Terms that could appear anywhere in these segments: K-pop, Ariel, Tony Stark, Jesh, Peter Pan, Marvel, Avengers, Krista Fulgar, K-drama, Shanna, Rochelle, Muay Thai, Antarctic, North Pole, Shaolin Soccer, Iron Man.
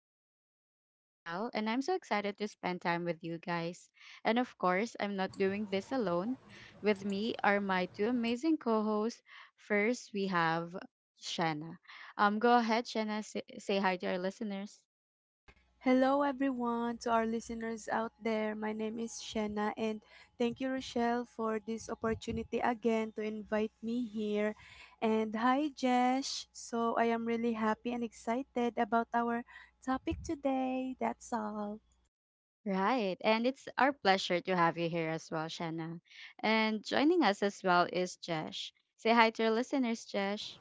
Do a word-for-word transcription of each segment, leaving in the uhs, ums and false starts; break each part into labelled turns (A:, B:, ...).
A: I'm your host, Rochelle, and I'm so excited to spend time with you guys. And of course, I'm not doing this alone. With me are my two amazing co hosts. First, we have Shanna. Um, go ahead, Shanna, say, say hi to our listeners.
B: Hello, everyone, to our listeners out there. My name is Shanna, and thank you, Rochelle, for this opportunity again to invite me here. And hi, Jesh. So, I am really happy and excited about our topic today. That's all.
A: Right, and it's our pleasure to have you here as well, Shanna. And joining us as well is Jesh. Say hi to our listeners, Jesh.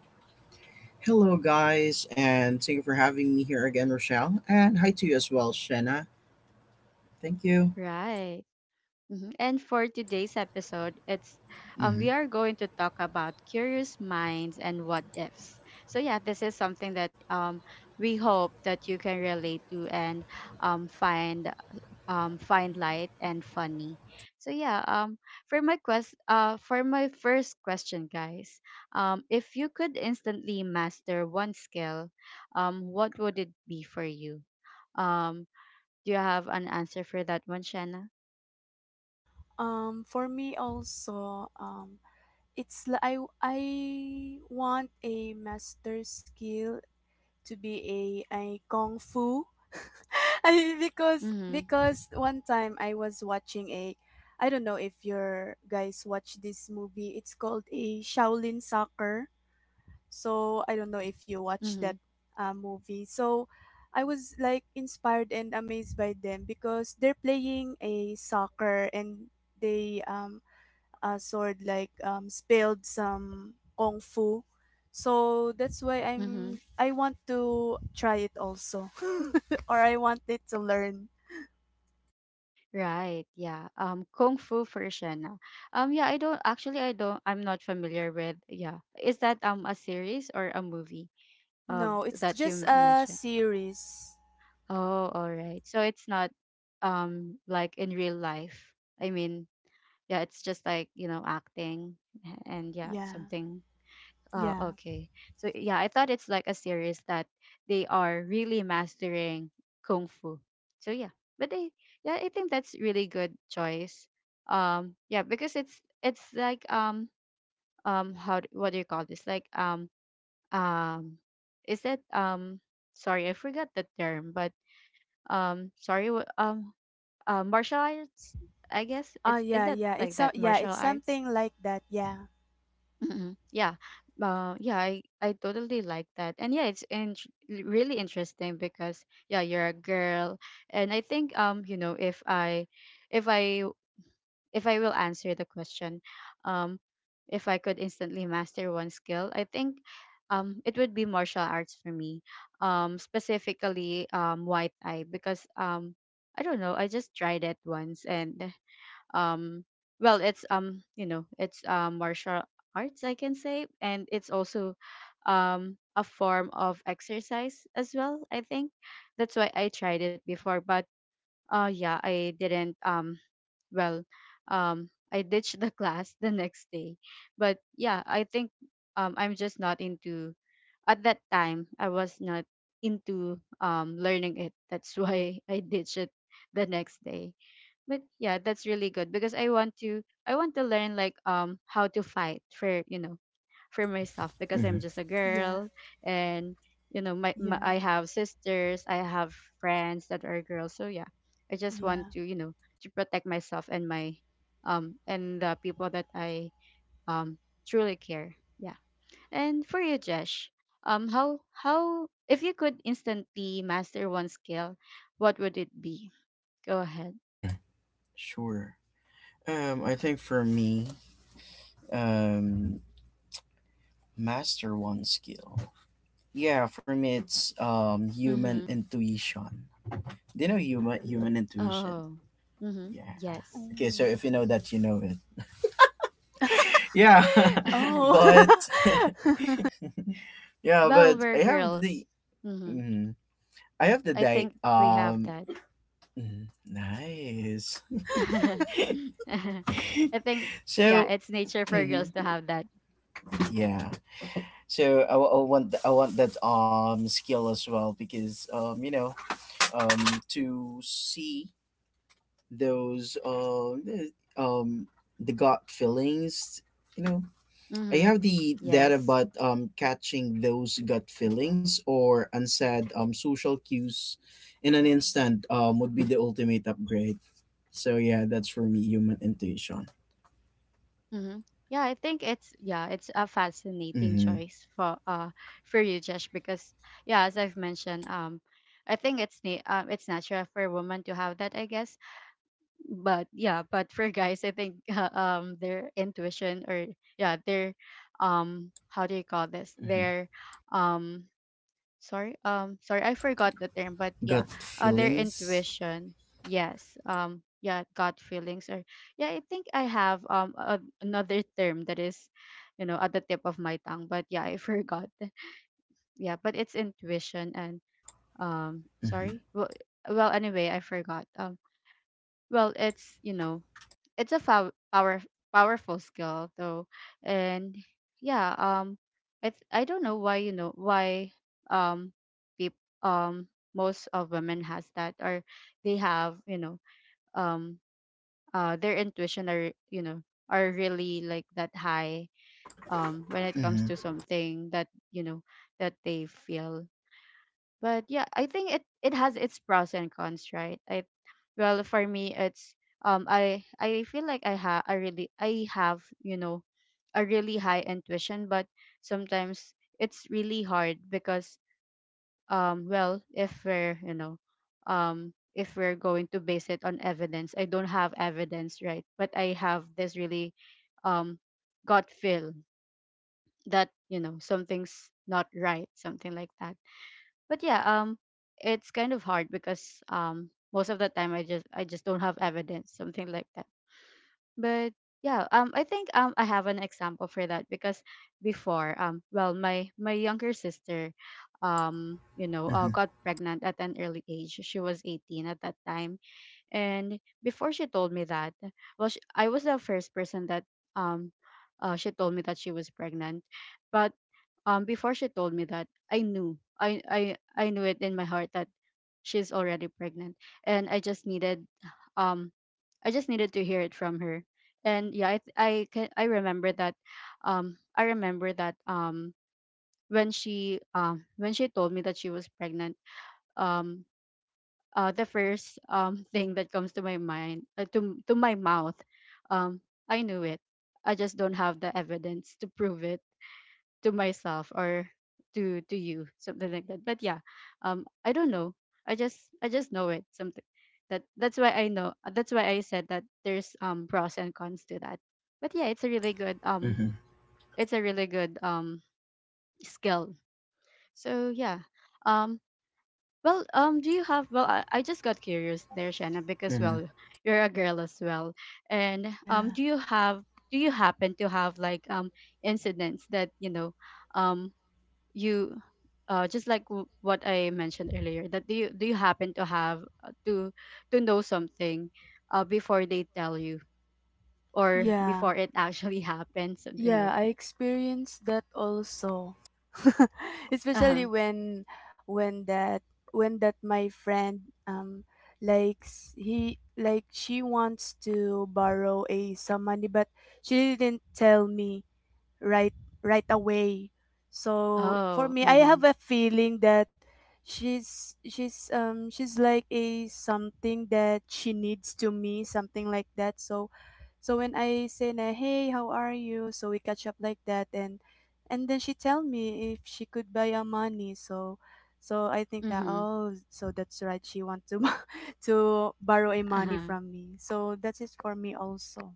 C: Hello, guys, and thank you for having me here again, Rochelle. And hi to you as well, Shanna. Thank you.
A: Right. Mhm. And for today's episode, it's um we
C: hmm
A: are going to talk about curious minds and what ifs. So yeah, this is something that um we hope that you can relate to and um find um find light and funny. So yeah, um for my quest uh for my first question, guys, um if you could instantly master one skill, um what would it be for you? Um do you have an answer for that one, Shanna?
B: Um, for me, also, um, it's li- I, I want a master skill to be a, a kung fu. I, because
A: Mhm.
B: because one time I was watching a— I don't know if your guys watch this movie. It's called a Shaolin Soccer. So I don't know if you watch that
A: Mhm.
B: uh, movie. So I was like inspired and amazed by them because they're playing a soccer and they um uh, sword like um, spilled some kung fu. So that's why
A: Mm-hmm.
B: I'm I want to try it also. Or I wanted to learn.
A: Right. Yeah. Um, Kung Fu version. Ah. Um, yeah, I don't actually I don't I'm not familiar with yeah. Is that um a series or a movie uh
B: No, it's
A: that you
B: just
A: m-
B: a
A: mentioned?
B: series.
A: Oh, all right. So it's not um like in real life. I mean, yeah, it's just like, you know, acting a- and yeah,
B: Yeah.
A: something. Oh,
B: Yeah.
A: okay. So yeah, I thought it's like a series that they are really mastering kung fu. So yeah, but they yeah, I think that's really good choice. Um, yeah, because it's it's like um um how d- what do you call this? Like um um is that um sorry I forgot the term, but um sorry wh- um uh, martial arts I guess
B: Oh
A: it's is
B: yeah,
A: that
B: yeah.
A: like
B: It's
A: that
B: a, yeah,
A: martial
B: it's
A: arts?
B: something like that. Yeah.
A: Mm-mm. Yeah. Uh, yeah, I, I totally like that. And yeah, it's in- really interesting because yeah, you're a girl. And I think um, you know, if I if I if I will answer the question, um, if I could instantly master one skill, I think um it would be martial arts for me. Um, specifically um Muay Thai because um I don't know, I just tried it once and um well it's um you know it's uh, martial arts I can say and it's also um a form of exercise as well I think that's why I tried it before but uh yeah I didn't um well um I ditched the class the next day but yeah I think um I'm just not into at that time I was not into um learning it that's why I ditched it the next day but yeah that's really good because i want to i want to learn like um how to fight for you know for myself because I'm
C: hmm
A: just a
B: Yeah.
A: girl and you know my, my
B: Yeah.
A: I have sisters I have friends that are girls so yeah I just
B: Yeah.
A: want to you know to protect myself and my um and the people that I um truly care yeah and for you jesh um how how if you could instantly master one skill what would it be go ahead.
C: Sure. Um, I think for me, um, master one skill. Yeah, for me, it's um human
A: Mm-hmm.
C: intuition. Do you know human human intuition?
A: Oh. Mm-hmm.
C: Yeah.
A: Yes.
C: Okay, so
B: Mm.
C: if you know that, you know it. Yeah,
B: Oh.
C: but yeah,
A: Well,
C: but I
A: we're
C: have the
A: girls. Mm-hmm.
C: mhm. I have the
A: I
C: day.
A: think we have
C: Um,
A: that.
C: mhm. Nice.
A: I think, yeah,
C: So
A: it's nature for girls
C: Mm-hmm.
A: to have that.
C: Yeah. So I, wa- I want th- I want that um skill as well because um you know um to see those um the- um the gut feelings you know. I
A: Mm-hmm.
C: have the data
A: Yes.
C: about um catching those gut feelings or unsaid um social cues in an instant um would be the ultimate upgrade. So yeah, that's for me human intuition.
A: Mm-hmm. Yeah, I think it's yeah, it's a fascinating
C: Mm-hmm.
A: choice for uh for you, Josh, because yeah, as I've mentioned, um, I think it's na- um, it's natural for a woman to have that, I guess, but yeah but for guys I think um their intuition or yeah their um how do you call this
C: Mm-hmm.
A: their um sorry um sorry I forgot the term but yeah
C: Gut
A: uh, their
C: feelings.
A: intuition yes um yeah gut feelings or yeah I think I have um a, another term that is you know at the tip of my tongue but yeah I forgot yeah but it's intuition and um
C: Mm-hmm.
A: sorry well well anyway I forgot um well it's you know it's a pow- power powerful skill though and yeah um i th- I don't know why you know why um peop- um most of women has that or they have you know um uh their intuition are you know are really like that high um when it comes
C: Mm-hmm.
A: to something that you know that they feel but yeah I think it it has its pros and cons right I well for me it's um i i feel like i ha I really I have you know a really high intuition but sometimes it's really hard because um well if we're you know um if we're going to base it on evidence I don't have evidence right but I have this really um gut feel that you know something's not right something like that but yeah um it's kind of hard because um most of the time i just i just don't have evidence something like that but yeah um I think um I have an example for that because before um well my my younger sister um you know
C: Mm-hmm.
A: uh, got pregnant at an early age she was eighteen at that time and before she told me that, well, she, I was the first person that um, uh, she told me that she was pregnant. But um, before she told me that, I knew, I, I, I knew it in my heart that she's already pregnant, and I just needed, um, I just needed to hear it from her. And yeah, I, th- I can, I remember that, um, I remember that um, when she, um, when she told me that she was pregnant, um uh, the first um, thing that comes to my mind, uh, to to my mouth, um, I knew it. I just don't have the evidence to prove it to myself or to to you, something like that. But yeah, um, I don't know. I just I just know it. Something that that's why I know. That's why I said that there's um pros and cons to that. But yeah, it's a really good um,
C: Mm-hmm,
A: it's a really good um skill. So yeah, um, well, um, do you have? Well, I, I just got curious there, Shanna, because
C: mm-hmm,
A: well, you're a girl as well, and
B: Yeah.
A: um, do you have? Do you happen to have like um incidents that you know, um, you, uh, just like w- what I mentioned earlier, that do you do you happen to have uh, to to know something, uh, before they tell you or
B: Yeah.
A: before it actually happens, something
B: Yeah,
A: like
B: I
A: that.
B: experienced that also.
A: Uh
B: Especially
A: huh.
B: when when that when that my friend um likes— he like she wants to borrow a some money, but she didn't tell me right right away. So for
A: Oh.
B: me, I
A: Mm-hmm.
B: have a feeling that she's she's um she's like a something that she needs to me, something like that. So so when I say na, hey, how are you? So we catch up like that, and and then she tell me if she could buy a money. So so I think that
A: Mm-hmm.
B: oh so that's right, she want to to borrow a
A: Uh
B: money
A: huh.
B: from me. So that is for me also.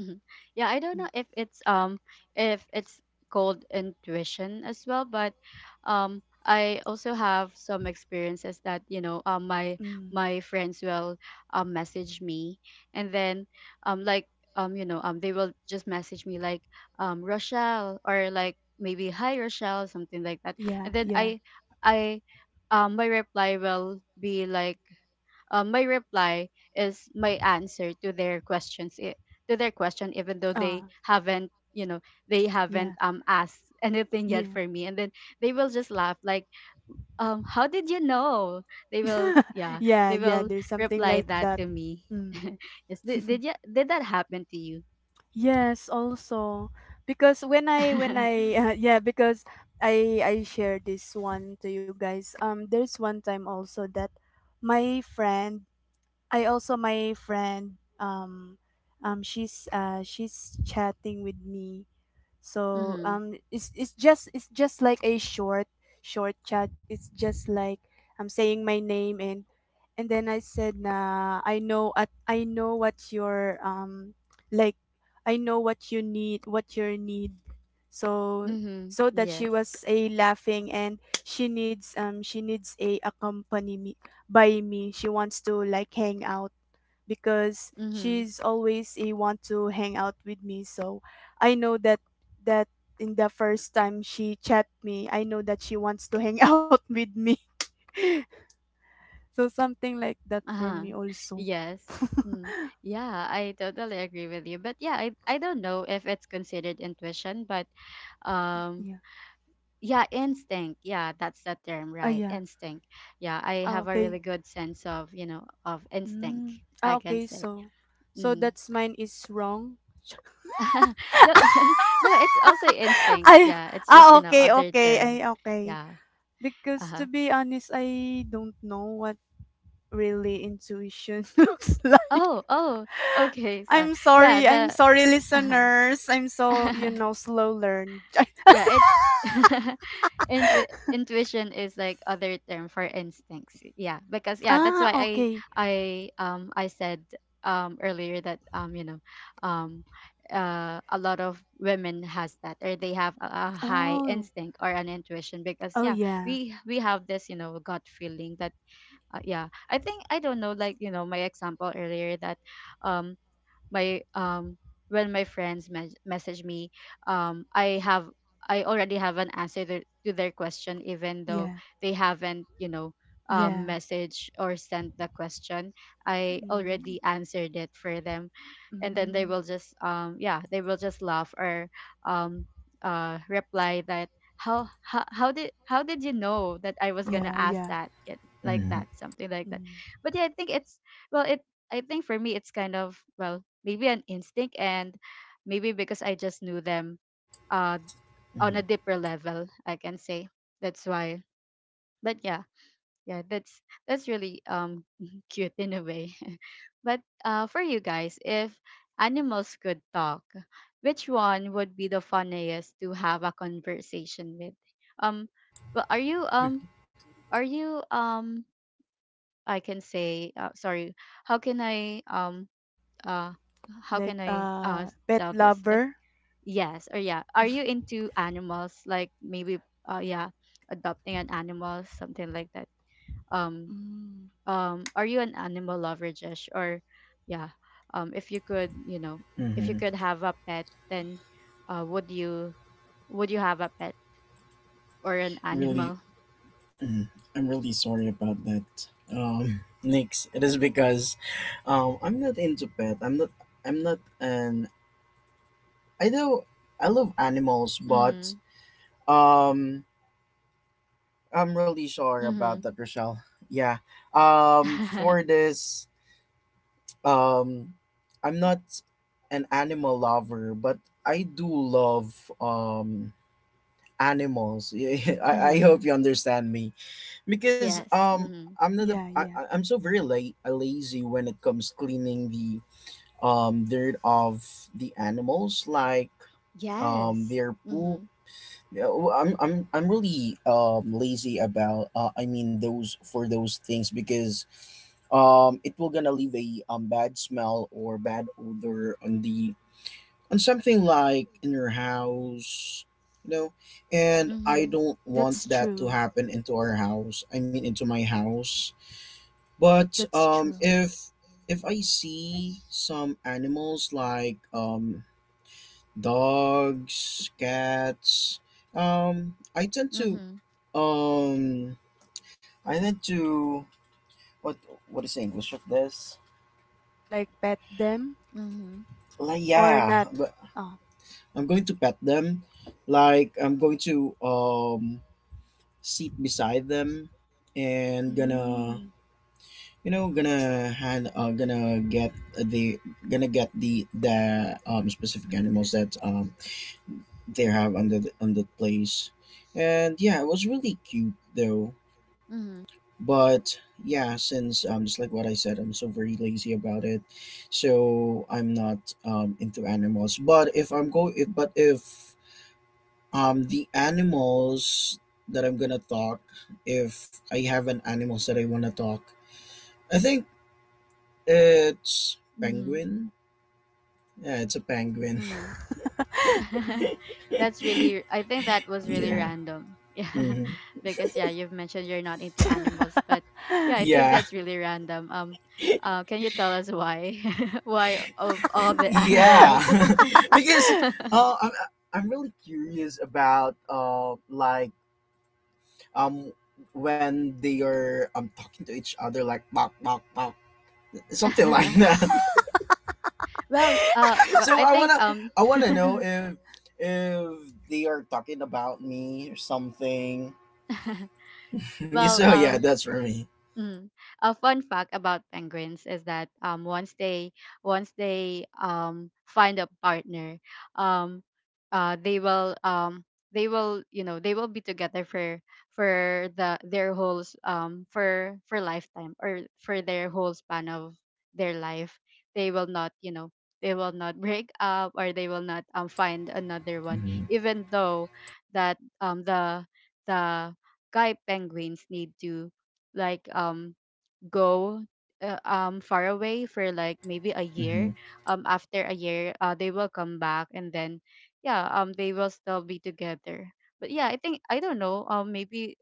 A: Mhm. Yeah, I don't
B: Mm.
A: know if it's um if it's called intuition as well, but um I also have some experiences that you know um my
B: Mm.
A: my friends will um message me and then um like um you know um they will just message me like um Rochelle or like maybe hi Rochelle something like that
B: Yeah,
A: and then
B: yeah.
A: I I um my reply will be like um, my reply is my answer to their questions i- to their question even though
B: Uh,
A: they haven't you know they haven't
B: yeah.
A: um asked anything yet
B: Yeah.
A: for me and then they will just laugh like um how did you know they will yeah
B: Yeah,
A: they
B: yeah,
A: will
B: there's something
A: reply
B: like
A: that
B: that.
A: to me.
B: Mm.
A: Yes, did, did you did that happen to you?
B: Yes, also because when I when I uh, yeah, because I I share this one to you guys. Um there's one time also that my friend, I also my friend um um she's uh she's chatting with me, so
A: Mm-hmm.
B: um it's it's just it's just like a short short chat. It's just like I'm saying my name, and and then I said nah, I know— at I know what your um like I know what you need, what your need. So
A: Mm-hmm.
B: so that she
A: Yes.
B: was a laughing, and she needs um she needs a accompany me by me. She wants to like hang out because
A: Mm-hmm.
B: she's always a want to hang out with me. So I know that that in the first time she chat me, I know that she wants to hang out with me. So something like that for
A: Uh-huh.
B: me also.
A: Yes. Mm. Yeah, I totally agree with you. But yeah, I I don't know if it's considered intuition, but um
B: Yeah.
A: yeah, instinct. Yeah, that's the term,
B: Ah,
A: right?
B: yeah.
A: Instinct. Yeah, I
B: Ah,
A: have a
B: okay.
A: really good sense of, you know, of instinct,
B: Mm. Ah,
A: I can
B: okay,
A: say.
B: so so
A: Mm-hmm.
B: that's mine is wrong.
A: No, no, it's also instinct.
B: I—
A: Yeah, it's just,
B: ah,
A: you know,
B: okay,
A: other
B: okay,
A: term.
B: I, okay,
A: Yeah.
B: because to
A: Uh-huh.
B: be honest, i don't know what really intuition looks like.
A: Oh, oh, okay. So,
B: I'm
A: yeah,
B: sorry. I'm
A: the
B: sorry,
A: uh-huh.
B: listeners. I'm so, you know, slow learned.
A: Yeah, it's intu- intuition is like other term for instincts. Yeah, because yeah, that's
B: Ah,
A: why I
B: okay.
A: I um I said um earlier that um you know um uh a lot of women has that, or they have a, a high
B: Oh,
A: instinct or an intuition, because
B: oh,
A: yeah,
B: yeah.
A: we we have this, you know, gut feeling that uh, yeah. I think I don't know, like, you know, my example earlier that um my um when my friends mes- message me, um i have I already have an answer to, to their question, even though
B: Yeah.
A: they haven't, you know, um
B: Yeah.
A: message or sent the question, I already
B: Mm,
A: answered it for them. And then they
B: mm,
A: will just um yeah, they will just laugh or um uh reply that how how, how did how did you know that I was gonna
B: yeah,
A: ask
B: yeah.
A: that Get- like
C: mm-hmm,
A: that, something like that.
B: Mm.
A: But yeah, I think it's, well it I think for me it's kind of, well, maybe an instinct, and maybe because I just knew them uh on
C: mm-hmm,
A: a deeper level, I can say. That's why. But yeah, yeah, that's that's really um cute in a way. But uh for you guys, if animals could talk, which one would be the funniest to have a conversation with? Um well are you um are you um I can say uh, sorry how can I um uh how can
B: Like,
A: i uh
B: uh, pet
A: tell this, like,
B: lover.
A: yes or yeah, are you into animals, like, maybe, uh yeah, adopting an animal, something like that? um
B: Mm,
A: um are you an animal lover, Jesh? Or yeah, um if you could, you know, if you
C: mm-hmm.
A: could have a pet, then uh would you, would you have a pet or an
C: Really,
A: animal?
C: mm, I'm really sorry about that. Um, Nix, it is because, um, I'm not into pet. I'm not. I'm not an. I know I love animals, but
A: Mm-hmm.
C: um, I'm really sorry about
A: Mm-hmm.
C: that, Rochelle. Yeah. Um, for this, um, I'm not an animal lover, but I do love um animals. I I
A: Mm-hmm.
C: hope you understand me because
A: Yes.
C: um
A: Mm-hmm.
C: I'm not a,
B: yeah,
C: I, I-
B: yeah.
C: I'm so very la- uh, lazy when it comes cleaning the um dirt of the animals like um
A: Yes.
C: their poop.
A: Mm-hmm.
C: Yeah, w- I'm I'm I'm really um lazy about uh, I mean those for those things because um it will gonna leave a um bad smell or bad odor on the on something like in your house you know, and I
A: Mm-hmm.
C: don't want
B: That's
C: that to
B: true.
C: happen into our house, I mean into my house. But
B: That's
C: um,
B: true.
C: if if I see some animals like um, dogs, cats, um, I tend to
A: Mm-hmm.
C: um, I tend to what what is the English of this?
B: Like, pet them
A: Mm-hmm.
C: Like
B: or
C: yeah,
B: not.
C: but
B: Oh.
C: I'm going to pet them. Like I'm going to um, sit beside them and gonna
B: Mm.
C: you know gonna hand uh, gonna get the gonna get the the um specific animals that um they have on the on the place, and yeah, it was really cute though.
A: Hmm.
C: But yeah, since um just like what I said, I'm so very lazy about it, so I'm not um into animals. But if I'm go if but if um the animals that I'm gonna talk, if I have an animals that I want to talk, I think it's
A: Mhm.
C: penguin. Yeah, it's a penguin.
A: Mhm. That's really, I think, that was really
C: Yeah.
A: random. Yeah.
C: hmm
A: Because yeah, you've mentioned you're not into animals, but yeah, I think
C: Yeah.
A: that's really random. Um uh, can you tell us why? Why of all the
C: yeah.
A: animals?
C: Because uh, I'm I'm really curious about uh like um when they are um talking to each other like bok bok bok, something like that.
A: Well, uh well,
C: So
A: I
C: I
A: think
C: wanna,
A: um
C: I wanna know if if they are talking about me or something.
A: well,
C: So yeah,
A: um
C: that's for me.
A: mm. A fun fact about penguins is that um once they, once they um find a partner, um uh they will um they will, you know, they will be together for for the their whole s- um for for lifetime or for their whole span of their life. They will not, you know, they will not break up, or they will not um find another one,
C: hmm
A: even though that um the the guy penguins need to, like, um go, uh, um far away for, like, maybe a year.
C: hmm
A: Um after a year, uh they will come back, and then yeah, um they will still be together. But yeah, I think, I don't know, um maybe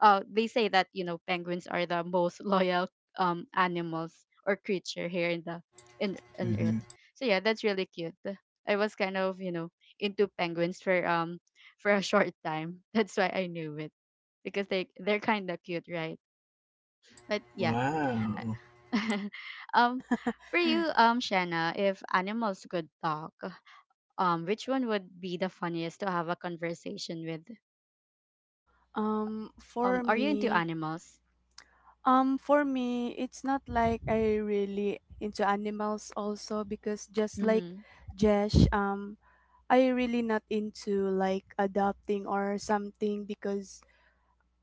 A: uh they say that, you know, penguins are the most loyal um animals or creature here in the, in on earth.
C: hmm
A: So yeah, that's really cute. I was kind of, you know, into penguins for um for a short time that's why I knew it, because they they're kind of cute, right? But yeah,
C: Wow.
A: um, for you, um, Shanna, if animals could talk, um, which one would be the funniest to have a conversation with?
B: um,
A: Um,
B: for
A: are you into
B: me,
A: animals?
B: Um, for me, it's not like I really into animals also, because just like
A: Mm-hmm.
B: Jesh, um, I really not into like adopting or something because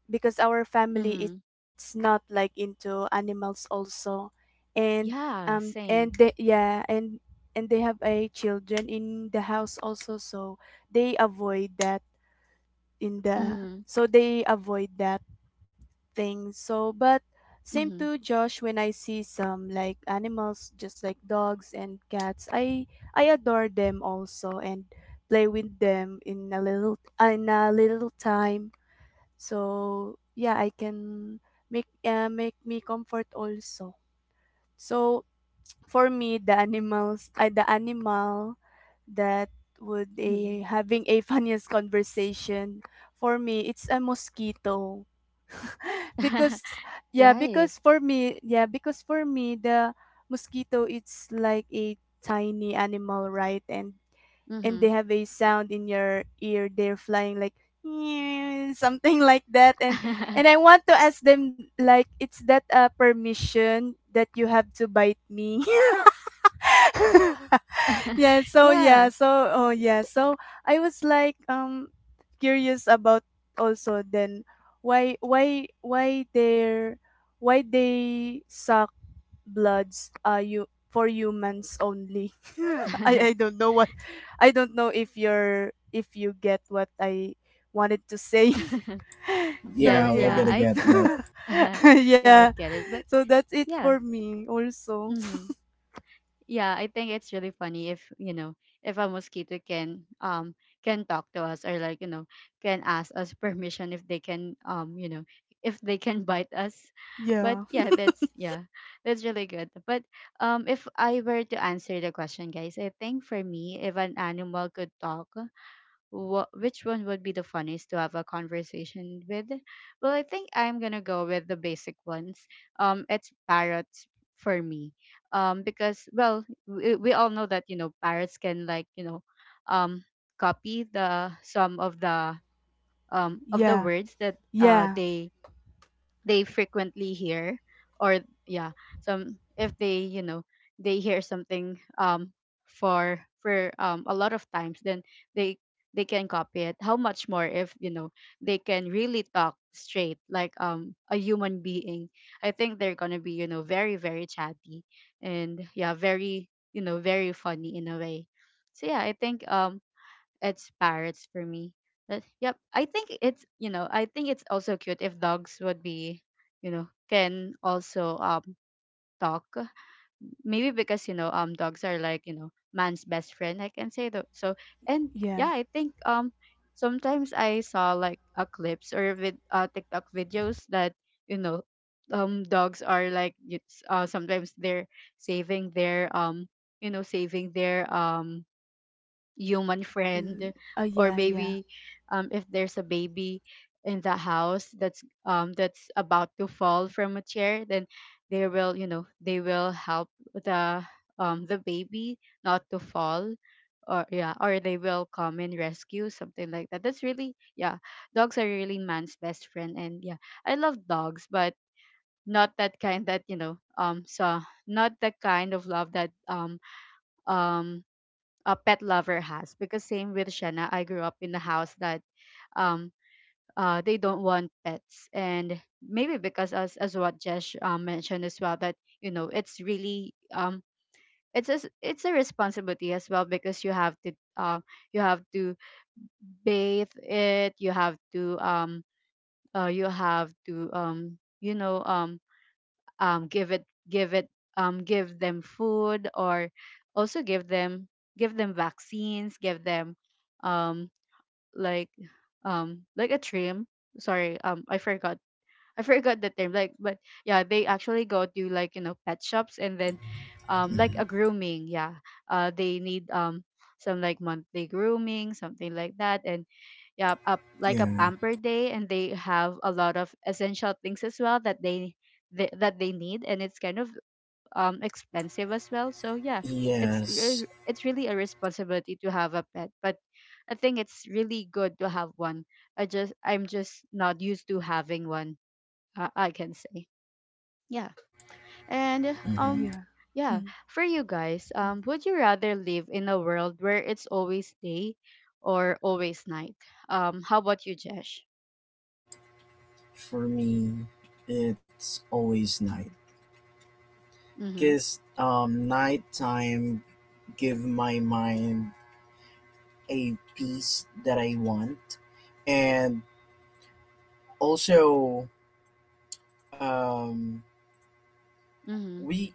B: because our family
A: Mm-hmm.
B: it's not like into animals also, and um
A: Yeah,
B: and
A: same.
B: they— yeah, and and they have a children in the house also, so they avoid that in the—
A: Mm-hmm.
B: so they avoid that things. So, but same
A: Mm-hmm.
B: to Josh, when I see some like animals just like dogs and cats, I I adore them also and play with them in a little— in a little time. So, yeah, I can make— uh, make me comfort also. So, for me the animals— I— the animal that would
A: Mm-hmm.
B: a having a funniest conversation for me, it's a mosquito. Because yeah, because
A: Right.
B: for me— yeah, because for me the mosquito, it's like a tiny animal, right? and and
A: Mm-hmm.
B: they have a sound in your ear. They're flying like something like that. and and I want to ask them, like, it's that a permission that you have to bite me? Yeah, so yeah,
A: Yeah.
B: so oh yeah, so I was like um curious about also then, why why why they're— why they suck bloods, uh, you for humans only. I— I don't know what— I don't know if you're— if you get what I wanted to say. So
C: Yeah,
A: Yes.
C: we're
A: Yeah.
B: yeah.
C: gonna
A: I.
C: get that.
A: Yeah,
B: Yeah,
A: I get it. But
B: so that's it for
A: yeah.
B: me also.
A: Mm-hmm. Yeah, I think it's really funny if, you know, if a mosquito can um can talk to us, or, like, you know, can ask us permission if they can, um, you know, if they can bite us. But
B: Yeah,
A: yeah, that's yeah, that's really good. But um, if I were to answer the question, guys, I think for me, if an animal could talk, what, which one would be the funniest to have a conversation with? Well, I think I'm gonna go with the basic ones. Um, it's parrots for me. Um, because, well, we, we all know that, you know, parrots can, like, you know, um, copy the, some of the um of the
B: yeah,
A: words that uh
B: yeah,
A: they they frequently hear, or yeah, some, if they, you know, they hear something, um for for um a lot of times, then they they can copy it. How much more if, you know, they can really talk straight, like, um, a human being? I think they're gonna be, you know, very, very chatty, and yeah, very, you know, very funny in a way. So yeah, I think um it's parrots for me. But yep, I think it's, you know, I think it's also cute if dogs would be, you know, can also um talk. Maybe because, you know, um, dogs are, like, you know, man's best friend, I can say, though. So, and
B: yeah.
A: yeah, I think um sometimes I saw, like, a clips or with, uh, TikTok videos that, you know, um, dogs are, like, it's, uh, sometimes they're saving their um you know, saving their um human
B: Mm,
A: friend,
B: uh,
A: or
B: yeah, yeah,
A: maybe, um, if there's a baby in the house that's, um, that's about to fall from a chair, then they will, you know, they will help the um, the baby not to fall, or yeah, or they will come and rescue, something like that. That's really, yeah, dogs are really man's best friend. And yeah, I love dogs, but not that kind that, you know, um, so not the kind of love that um um a pet lover has. Because same with Shanna, I grew up in a house that um uh they don't want pets. And maybe because, as as what Jesh, um, mentioned as well, that, you know, it's really um it's a, s- it's a responsibility as well, because you have to, uh, you have to bathe it, you have to um uh, you have to, um, you know, um um give it, give it, um give them food, or also give them, give them vaccines, give them, um like, um like a trim, sorry, um I forgot, I forgot the term, like, but yeah, they actually go to, like, you know, pet shops, and then, um like
C: Mhm.
A: a grooming, yeah, uh they need, um some, like, monthly grooming, something like that. And yeah, up, like, a
C: Yeah.
A: pamper day, and they have a lot of essential things as well, that they, they that they need, and it's kind of um expensive as well. So yeah, it's re-
C: Yes.
A: it's really a responsibility to have a pet, but I think it's really good to have one. I just, I'm just not used to having one. Uh, I can say. Yeah, and
C: Mhm.
A: um
B: yeah.
A: yeah,
B: Hmm.
A: for you guys,
B: Mm.
A: um, would you rather live in a world where it's always day or always night? Um, how about you, Jesh?
C: For me, it's always night.
A: Mhm.
C: Cause um, nighttime give my mind a peace that I want, and also um,
A: Mhm.
C: we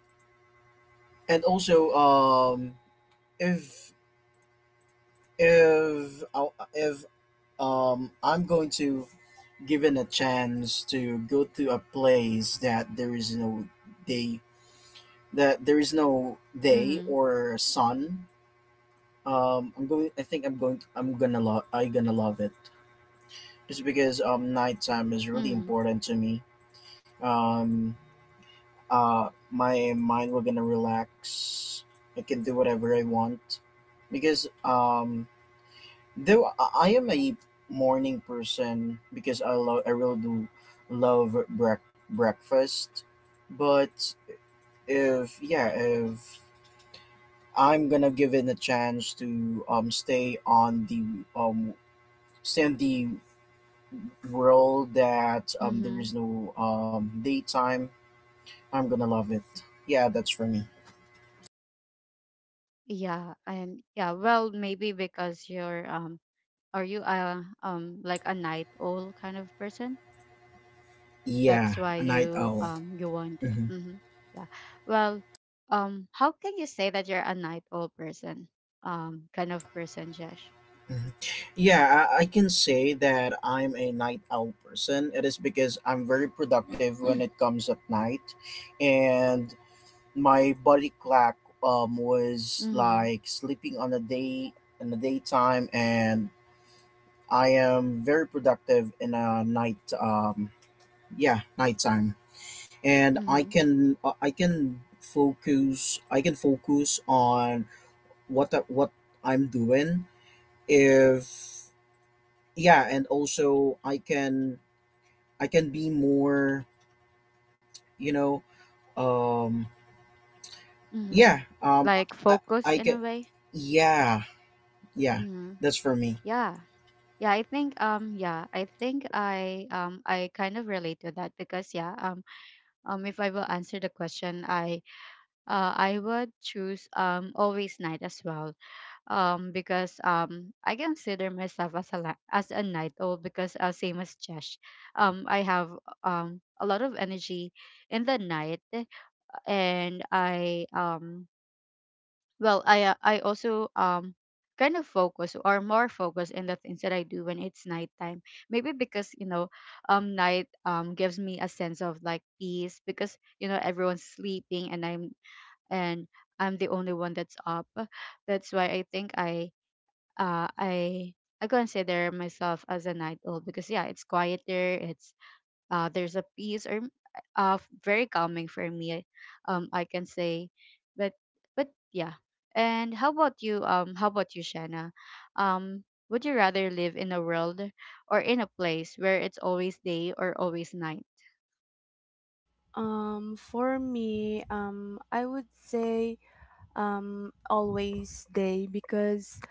C: and also um, if if I if um, I'm going to given a chance to go to a place that there is no day, that there is no day
A: Mhm.
C: or sun. Um, I'm going. I think I'm going. To, I'm gonna love. I am gonna love it just because um nighttime is really
A: Mhm.
C: important to me. Um, uh, my mind will gonna relax. I can do whatever I want because um though I I am a morning person because I love. I really do love brec- breakfast, but if yeah if I'm gonna give it a chance to um stay on the um stay in the world that um there
A: Mhm.
C: is no um daytime. I'm gonna love it. Yeah, that's for me.
A: Yeah, and yeah, well, maybe because you're um, are you a um, like a night owl kind of person?
C: Yeah,
A: That's why
C: a night
A: you
C: owl.
A: um, you want.
C: hmm
A: Mm-hmm. Yeah. Well, um, how can you say that you're a night owl person? Um, kind of person, Josh.
C: hmm Yeah, I, I can say that I'm a night owl person. It is because I'm very productive when it comes at night, and my body clock um was
A: Mm-hmm.
C: like sleeping on the day in the daytime, and I am very productive in a night um yeah nighttime. And I
A: Mm-hmm.
C: can uh, I can focus, I can focus on what the, what I'm doing if yeah, and also I can I can be more you know um
A: Mm-hmm.
C: yeah um
A: Like
C: I,
A: focus
C: I
A: in
C: can
A: a way.
C: yeah yeah,
A: Mm-hmm.
C: that's for me.
A: Yeah. Yeah, I think, um, yeah, I think I um I kind of relate to that, because yeah, um, um, if I will answer the question, I uh I would choose, um, always night as well, um, because, um, I consider myself as a la- as a night owl, because uh, same as Josh, um, I have um a lot of energy in the night. And I, um, well, I, uh, I also um kind of focus, or more focus in the things that I do when it's nighttime. Maybe because, you know, um, night, um, gives me a sense of, like, peace, because, you know, everyone's sleeping, and I'm and I'm the only one that's up. That's why I think I uh, I I consider myself as a night owl, because yeah, it's quieter. It's, uh, there's a peace, or uh, very calming for me. Um, I can say, but but yeah. And how about you? Um, how about you, Shanna? Um, would you rather live in a world, or in a place where it's always day or always night?
B: Um, for me, um, I would say um, always day, because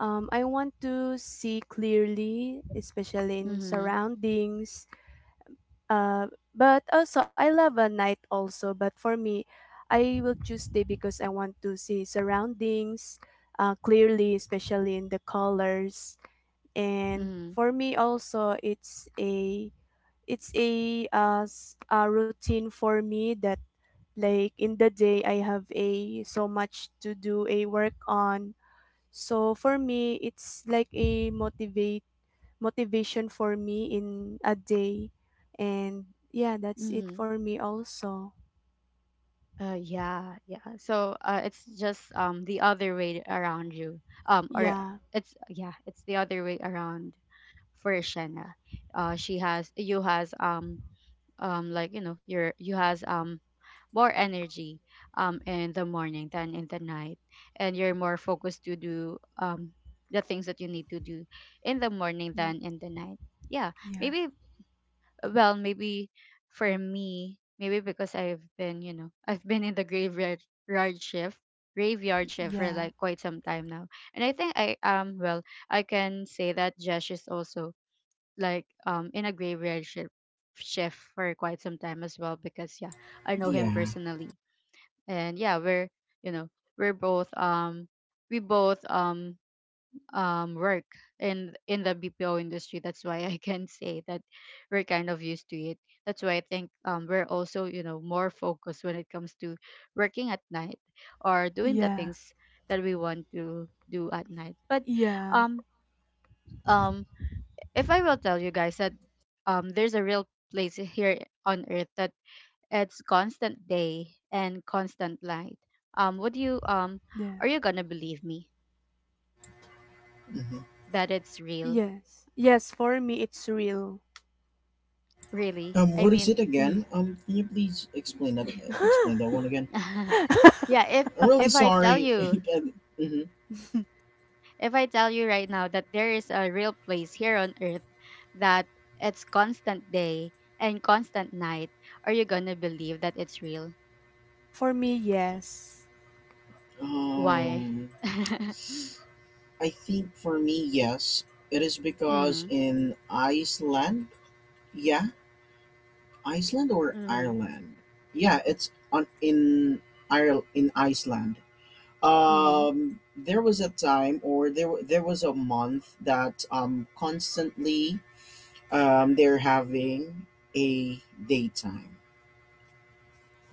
B: um, I want to see clearly, especially in
A: Mm-hmm.
B: surroundings. Uh, but also, I love a night also. But for me, I will choose day, because I want to see surroundings uh, clearly, especially in the colors. And
A: Mm-hmm.
B: for me, also, it's a it's a uh, s- a routine for me that like in the day I have a so much to do a work on. So for me, it's like a motivate motivation for me in a day, and yeah, that's it
A: Mm-hmm.
B: for me also.
A: Uh, yeah, yeah. So, uh, it's just, um, the other way around, you. Um, or
B: Yeah.
A: it's yeah, it's the other way around for Shenna. Uh, she has, you has, um, um, like, you know, your, you has, um, more energy, um, in the morning than in the night, and you're more focused to do, um, the things that you need to do in the morning
B: Mm,
A: than in the night. Yeah,
B: yeah,
A: maybe, well, maybe for me, maybe because I've been, you know, I've been in the graveyard yard shift graveyard shift for,
B: yeah,
A: like, quite some time now. And I think i um well, I can say that Josh is also, like, um, in a graveyard shift shift for quite some time as well, because yeah, I know him
C: Yeah.
A: personally. And yeah, we're, you know, we're both um we both um um work in in the B P O industry. That's why I can say that we're kind of used to it. That's why I think, um, we're also, you know, more focused when it comes to working at night, or doing the
B: yeah,
A: things that we want to do at night. But
B: yeah,
A: um um if I will tell you guys that um there's a real place here on earth that it's constant day and constant light. Um would you um
B: yeah.
A: are you gonna believe me
C: Mhm.
A: that it's real?
B: Yes, yes. For me, it's real.
A: Really?
C: Um
A: I
C: what is it
A: mean
C: again?
B: Yeah.
C: Um can you please explain that, explain that one again?
A: yeah, if
C: I'm really
A: if I tell
C: sorry.
A: you,
C: hmm
A: if I tell you right now that there is a real place here on earth that it's constant day and constant night, are you gonna believe that it's real?
B: For me, yes.
A: Why?
C: Um, I think for me, yes, it is because
A: Mm,
C: in Iceland, yeah, Iceland or
A: mm-hmm,
C: Ireland, yeah, it's on in Ireland, in Iceland.
A: mm-hmm.
C: Um, there was a time, or there wa- there was a month that um constantly um they're having a daytime.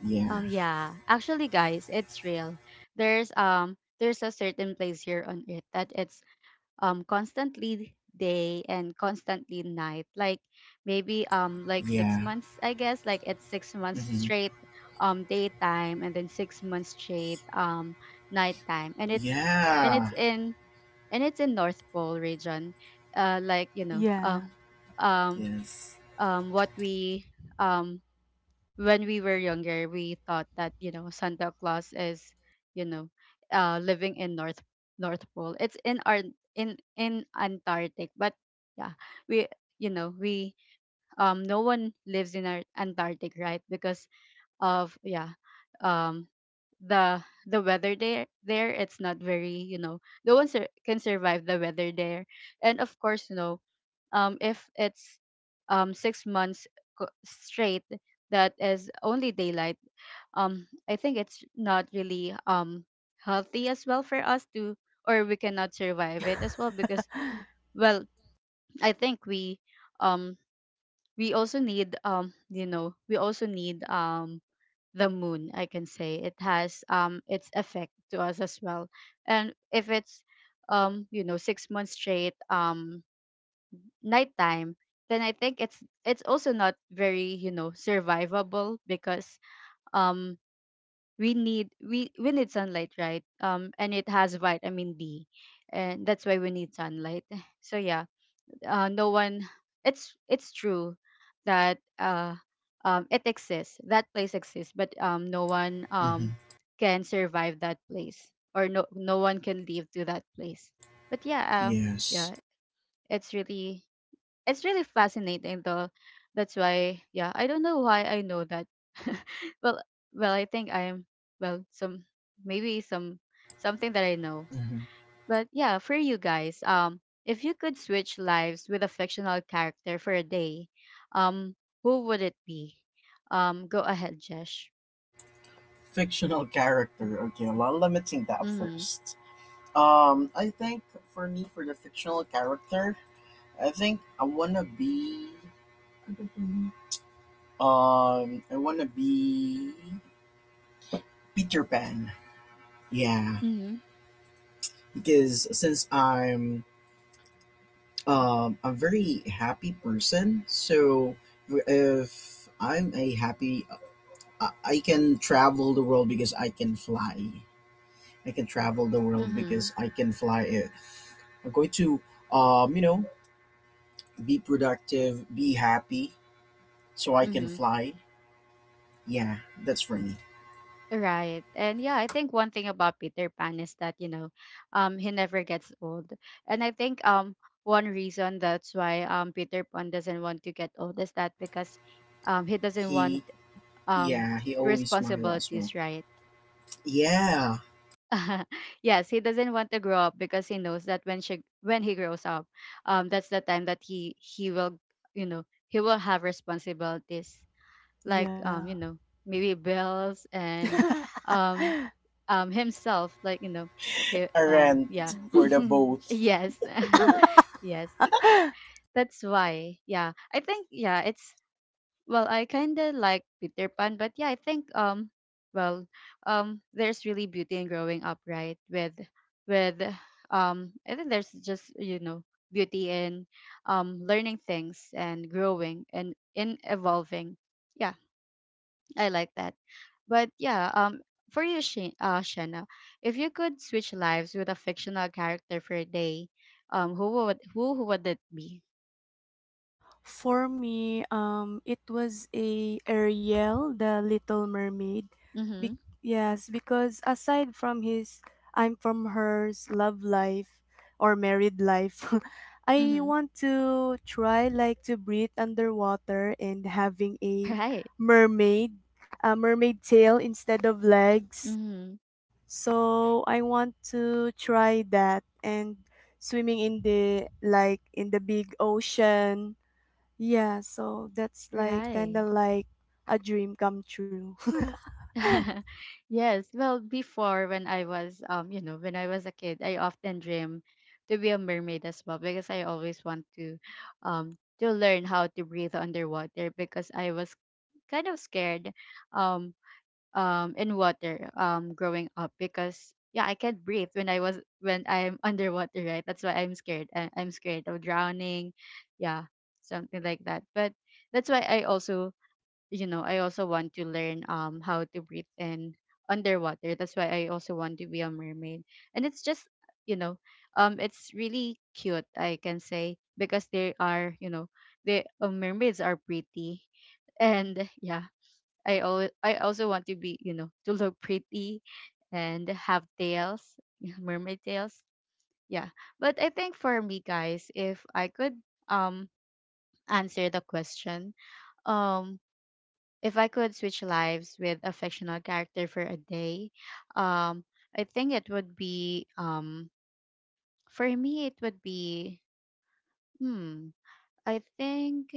C: Yeah,
A: Um, yeah, actually, guys, it's real. There's um there's a certain place here on earth that it's um constantly day and constantly night, like maybe um like six
C: yeah,
A: months I guess. Like it's six months
C: hmm
A: straight um daytime and then six months straight um nighttime. And it's and it's
C: yeah,
A: in and it's in north pole region. Uh like you know
B: Yeah,
A: um um
C: Yes.
A: um what we um when we were younger, we thought that you know Santa Claus is, you know, uh, living in North North Pole. It's in our in in Antarctic, but yeah, we you know we um no one lives in our Antarctic, right? Because of, yeah, um the the weather there there it's not very, you know no one sur- can survive the weather there. And of course, you know um, if it's um, six months co- straight that is only daylight, um, I think it's not really, um, healthy as well for us to, or we cannot survive it as well because, well, I think we, um, we also need, um, you know, we also need, um, the moon. I can say it has, um, its effect to us as well. And if it's um, you know, six months straight Um, nighttime, then I think it's it's also not very, you know survivable, because um we need, we we need sunlight, right? Um and it has vitamin D, and that's why we need sunlight. So yeah, uh, no one it's it's true that uh um it exists, that place exists, but um no one,
C: hmm
A: um can survive that place, or no, no one can leave to that place. But yeah, uh,
C: yes.
A: yeah, it's really it's really fascinating though. That's why, yeah, I don't know why I know that. well, well, I think I'm well, some maybe some something that I know.
C: Mhm.
A: But yeah, for you guys, um, if you could switch lives with a fictional character for a day, um, who would it be? Um, go ahead, Jesh.
C: Fictional character. Okay, well, let me think that
A: Mm-hmm.
C: first. Um, I think for me, for the fictional character, I think I wanna be, um, I wanna be Peter Pan. Yeah,
A: Mm-hmm.
C: because since I'm, um, a very happy person, so if I'm a happy, I, I can travel the world because I can fly. I can travel the world
A: Mm-hmm.
C: because I can fly it. I'm going to, um, you know, be productive, be happy, so I can
A: Mm-hmm.
C: fly. Yeah, that's for me.
A: Right. And yeah, I think one thing about Peter Pan is that, you know, um he never gets old. And I think um one reason that's why um Peter Pan doesn't want to get old is that because um he doesn't want
C: He,
A: um
C: yeah, he always smile as well.
A: responsibilities, right?
C: Yeah,
A: Yes, he doesn't want to grow up because he knows that when she when he grows up, um that's the time that he he will, you know, he will have responsibilities, like
B: yeah.
A: um you know maybe bells and um um himself, like you know he
C: a
A: um yeah.
C: rant for the both.
A: Yes. Yes, that's why. Yeah, I think, yeah, it's, well, I kind of like Peter Pan, but yeah, I think um well um there's really beauty in growing up, right? with with um I think there's just, you know beauty in, um learning things and growing and in evolving. Yeah, I like that. But yeah, um, for you, Shi- uh, Shanna, if you could switch lives with a fictional character for a day, um, who would who, who would it be?
B: For me, um, it was a Ariel, the Little Mermaid.
A: Mm-hmm.
B: Be- yes, because aside from his, I'm from hers love life or married life, I
A: Mm-hmm.
B: want to try like to breathe underwater and having a
A: Right.
B: mermaid, a mermaid tail instead of legs.
A: Mm-hmm.
B: So I want to try that and swimming in the— like in the big ocean. Yeah, so that's like kind
A: Right.
B: of like a dream come true.
A: Yes. Well, before, when I was, um, you know, when I was a kid, I often dream to be a mermaid as well, because I always want to, um, to learn how to breathe underwater, because I was kind of scared, um, um in water um growing up, because yeah, I can't breathe when I was when I'm underwater, right? That's why I'm scared. I, I'm scared of drowning, yeah, something like that. But that's why I also, you know I also want to learn um how to breathe in underwater. That's why I also want to be a mermaid. And it's just, you know um it's really cute, I can say, because they are, you know the uh, mermaids are pretty. And yeah, I al- I also want to be, you know, to look pretty and have tails, mermaid tails. Yeah. But I think for me guys, if I could um answer the question, um if I could switch lives with a fictional character for a day, um I think it would be um for me it would be, hmm, I think,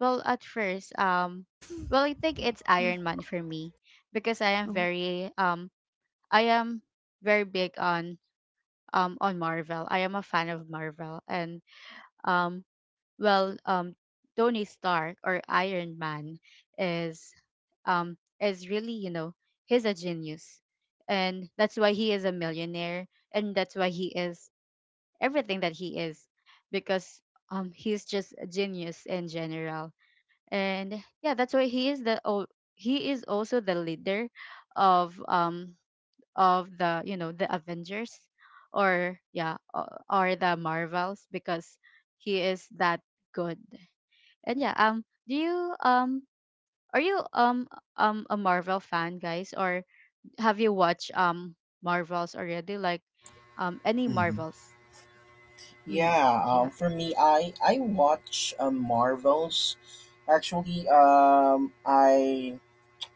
A: well at first um well I think it's Iron Man for me, because I am
B: Oh,
A: very, um I am very big on, um on Marvel. I am a fan of Marvel. And um well um Tony Stark, or Iron Man, is, um is really, you know, he's a genius. And that's why he is a millionaire, and that's why he is everything that he is, because um he's just a genius in general. And yeah, that's why he is the, oh, he is also the leader of, um of, the you know the Avengers, or yeah, o- or the Marvels, because he is that good. And yeah, um do you um are you um um a Marvel fan guys, or have you watched um Marvels already, like um any
C: Mhm.
A: Marvels? Mhm.
C: Yeah,
A: Yeah.
C: um, for me, I I watch um, Marvels. Actually, um, I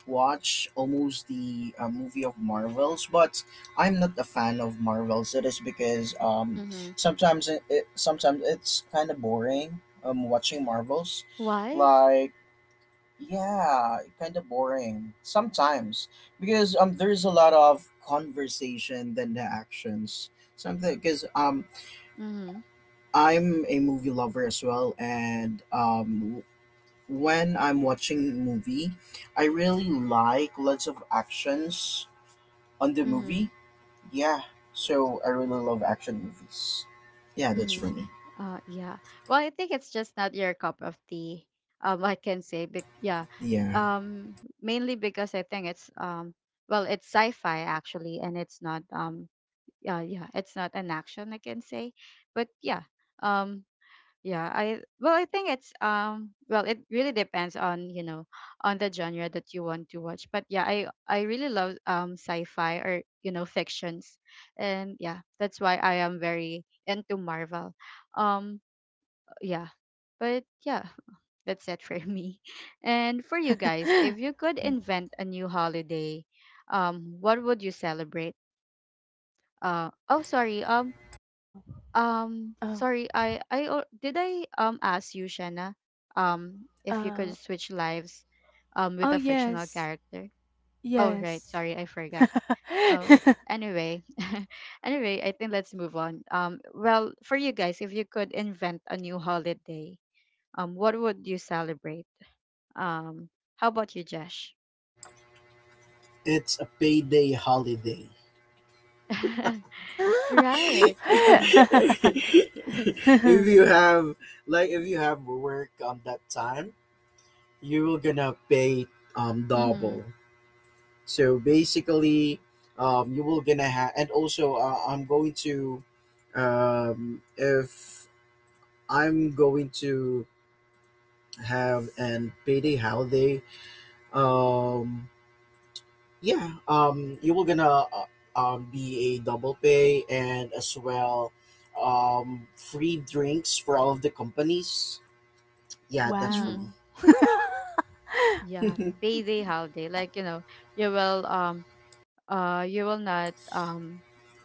C: watch almost the uh, movie of Marvels, but I'm not a fan of Marvels. It is because um,
A: Mhm.
C: sometimes it, it sometimes it's kind of boring um, watching Marvels,
A: What?
C: like yeah, kind of boring sometimes because um there's a lot of conversation than the actions. Something because um
A: Mhm.
C: I'm a movie lover as well, and um when I'm watching movie, I really like lots of actions on the
A: Mhm.
C: movie, yeah. So I really love action movies. Yeah, that's for
A: Mhm.
C: me.
A: Uh, yeah. Well, I think it's just not your cup of tea. Um, I can say, Bec yeah.
C: Yeah,
A: Um, Mainly because I think it's, um, well, it's sci-fi actually. And it's not, um, yeah, yeah, it's not an action, I can say, but yeah, um, yeah. I well, I think it's, um, well, it really depends on, you know on the genre that you want to watch. But yeah, I I really love um sci-fi, or you know fictions. And yeah, that's why I am very into Marvel. Um yeah but yeah, that's it for me. And for you guys, if you could invent a new holiday, um what would you celebrate? uh oh sorry um
B: oh,
A: um
B: oh,
A: sorry i i al- did i um ask you, Shanna, um if you could
B: uh,
A: switch lives um with
B: oh
A: a fictional
B: yes,
A: character? Oh right,
B: yes.
A: sorry, I forgot. Oh, anyway. Anyway, I think let's move on. Um well for you guys, if you could invent a new holiday, um what would you celebrate? Um, how about you, Josh?
C: it's a payday holiday.
A: Right.
C: If you have, like if you have work on that time, you will gonna pay um
A: Mhm.
C: double. So basically, um you will gonna have, and also uh, I'm going to um if I'm going to have an payday holiday. um Yeah, um, you were gonna uh, um, be a double pay, and as well um, free drinks for all of the companies. Yeah, that's for
A: Mhm.
C: me.
B: Wow.
A: Yeah, payday holiday. Like, you know, you will, um uh you will not, um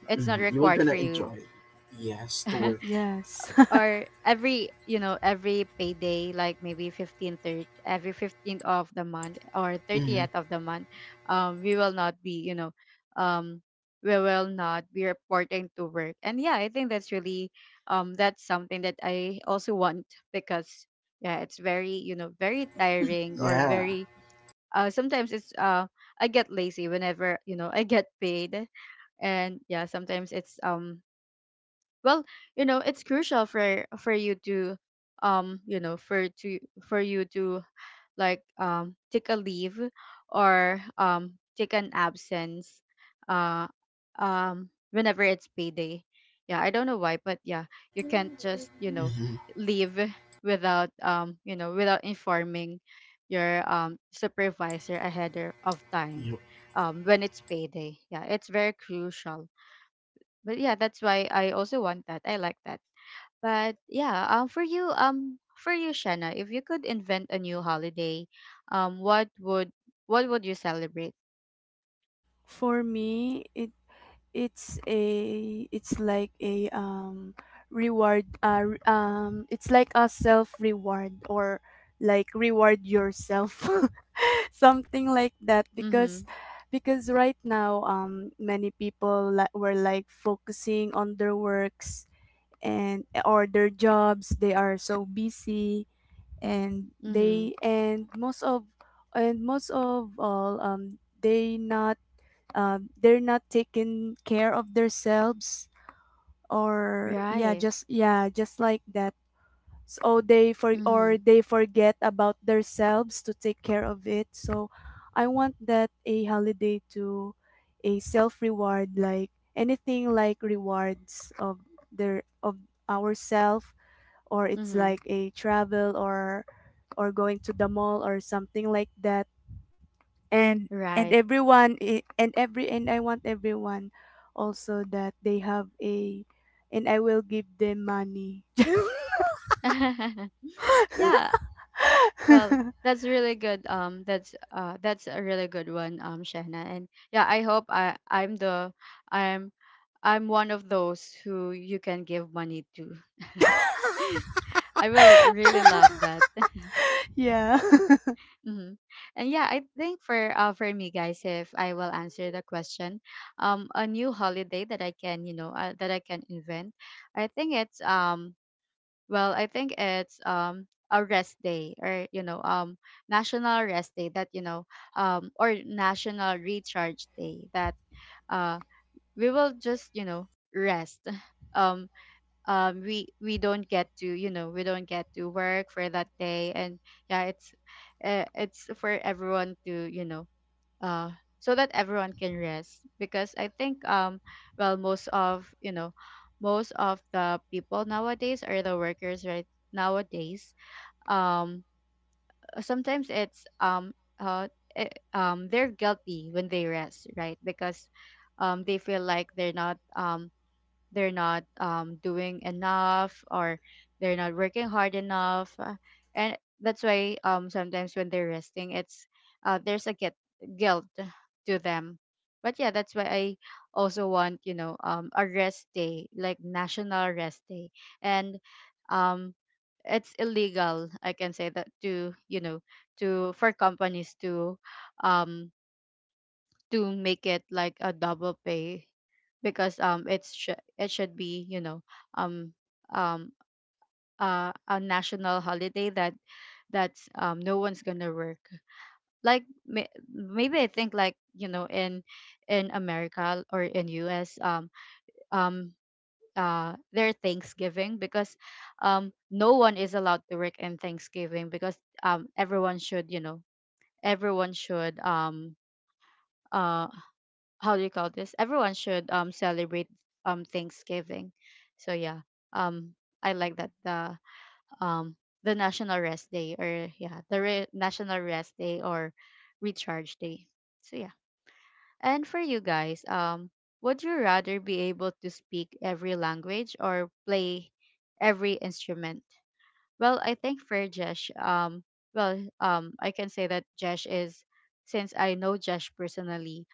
A: it's not
C: Mhm, you were
A: required
C: gonna
A: for you,
C: enjoy. Yes, to work.
B: Yes.
A: or every, you know every payday, like maybe fifteenth, every fifteenth of the month, or
C: hmm
A: thirtieth of the month, um we will not be, you know um we will not be reporting to work. And yeah, I think that's really, um that's something that I also want, because yeah, it's very, you know very tiring, or
C: Yeah.
A: very, uh sometimes it's, uh I get lazy whenever, you know I get paid. And yeah, sometimes it's, um well you know it's crucial for for you to, um you know for to for you to, like, um take a leave, or um take an absence, uh um whenever it's payday. Yeah, I don't know why, but yeah, you can't just, you know
C: hmm
A: leave without, um you know without informing your um supervisor ahead or- of time,
C: Yep.
A: um when it's payday. Yeah, it's very crucial. But yeah, that's why I also want that, I like that. But yeah, um, for you, um, for you, Shanna, if you could invent a new holiday, um, what would, what would you celebrate?
B: For me, it it's a it's like a um reward uh re- um it's like a self reward or like reward yourself something like that, because
A: Mm-hmm.
B: because right now um many people li- were like focusing on their works and or their jobs. They are so busy, and
A: Mm-hmm.
B: they— and most of— and most of all um they not— um, they're not taking care of themselves or yeah,
A: Right.
B: just— yeah, just like that. So they for— or
A: Mm-hmm.
B: they forget about themselves to take care of it. So I want that a holiday to a self reward, like anything like rewards of their of ourself, or it's
A: Mm-hmm.
B: like a travel or or going to the mall or something like that. and and
A: Right.
B: everyone I- and every— and I want everyone also, that they have a— and I will give them money.
A: Yeah. Well, that's really good. Um, that's uh, that's a really good one, um, Shanna. And yeah, I hope I I'm the I'm I'm one of those who you can give money to. I will really love that.
B: Yeah.
A: Mm-hmm. And yeah, I think for, uh, for me guys, if I will answer the question, um, a new holiday that I can, you know uh, that I can invent, I think it's, um well I think it's um a rest day, or you know um national rest day, that, you know um or national recharge day, that, uh we will just, you know rest. um um we we don't get to, you know we don't get to work for that day. And yeah, it's, uh, it's for everyone to, you know uh so that everyone can rest. Because I think, um well most of, you know most of the people nowadays are the workers, right? Nowadays, um sometimes it's, um uh eh, um they're guilty when they rest, right? Because um they feel like they're not, um they're not, um, doing enough, or they're not working hard enough. Uh, and that's why, um, sometimes when they're resting, it's, uh, there's a get, guilt to them. But yeah, that's why I also want, you know um, a rest day, like national rest day. And um, it's illegal, I can say that, to, you know to, for companies to, um, to make it like a double pay. Because um it's, sh- it should be, you know um um uh, a national holiday, that, that's um no one's gonna work, like, may- maybe I think, like, you know in in America, or in U S, um um uh their Thanksgiving, because um no one is allowed to work in Thanksgiving, because um everyone should, you know everyone should, um uh how do you call this? Everyone should um celebrate um Thanksgiving. So yeah, um I like that the um the National Rest Day or yeah the re- National Rest Day or Recharge Day. So yeah, and for you guys, um, would you rather be able to speak every language or play every instrument? Well, I think for Jesh, um, well, um, I can say that Jesh is since I know Jesh personally,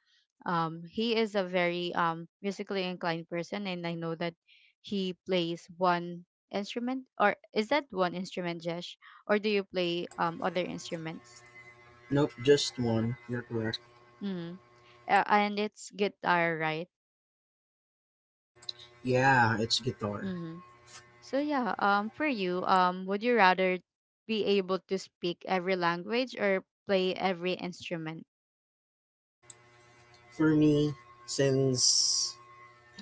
A: um he is a very um musically inclined person, and I know that he plays one instrument, or is that one instrument, Jesh? Or do you play um other instruments?
C: Nope, just one. You're correct.
A: Mm-hmm. And it's guitar, right?
C: Yeah, it's guitar.
A: Mm-hmm. So yeah, um for you, um would you rather be able to speak every language or play every instrument?
C: For me, since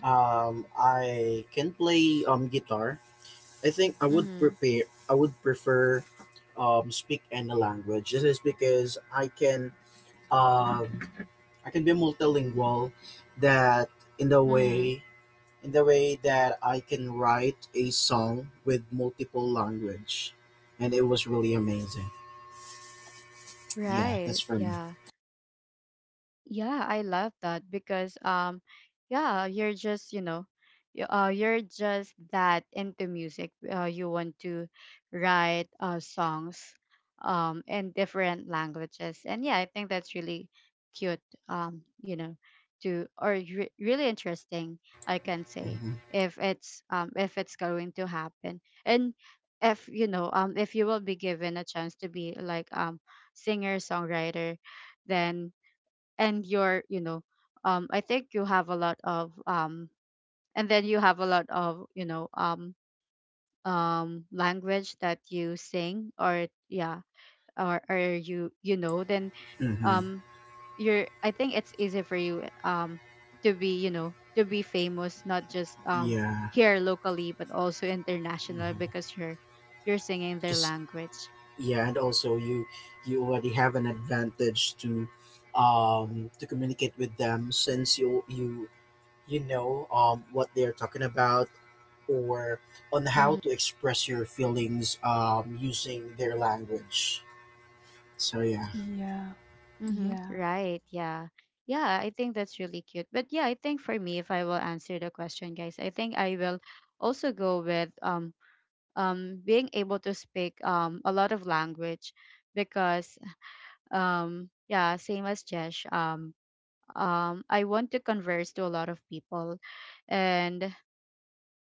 C: um, I can play um, guitar, I think I would
A: Mm-hmm.
C: prepare. I would prefer um, speak any language. This is because I can um, I can be multilingual. That in the
A: Mm-hmm.
C: way, in the way that I can write a song with multiple language, and it was really amazing. Yeah, that's
A: Right.
C: for me.
A: Yeah. Yeah, I love that because um yeah, you're just, you know, y- uh you're just that into music. Uh, you want to write uh songs um in different languages. And yeah, I think that's really cute, um, you know, to or re- really interesting, I can say,
C: hmm
A: if it's um if it's going to happen. And if you know, um if you will be given a chance to be like um singer songwriter, then, and you're, you know, um I think you have a lot of um and then you have a lot of, you know, um um language that you sing, or yeah, or or you, you know, then
C: hmm
A: um you're, I think it's easy for you um to be, you know, to be famous, not just um
C: Yeah.
A: here locally but also international, because
C: hmm
A: you're you're singing their
C: Just
A: language.
C: yeah, and also you you already have an advantage to um to communicate with them, since you you you know um, what they're talking about, or on how
A: Mm-hmm.
C: to express your feelings um, using their language. So yeah.
B: Yeah.
A: Mm-hmm.
B: Yeah.
A: Right. Yeah. Yeah, I think that's really cute. But yeah, I think for me, if I will answer the question, guys, I think I will also go with um um being able to speak um a lot of language, because um yeah, same as Jesh, um um I want to converse to a lot of people, and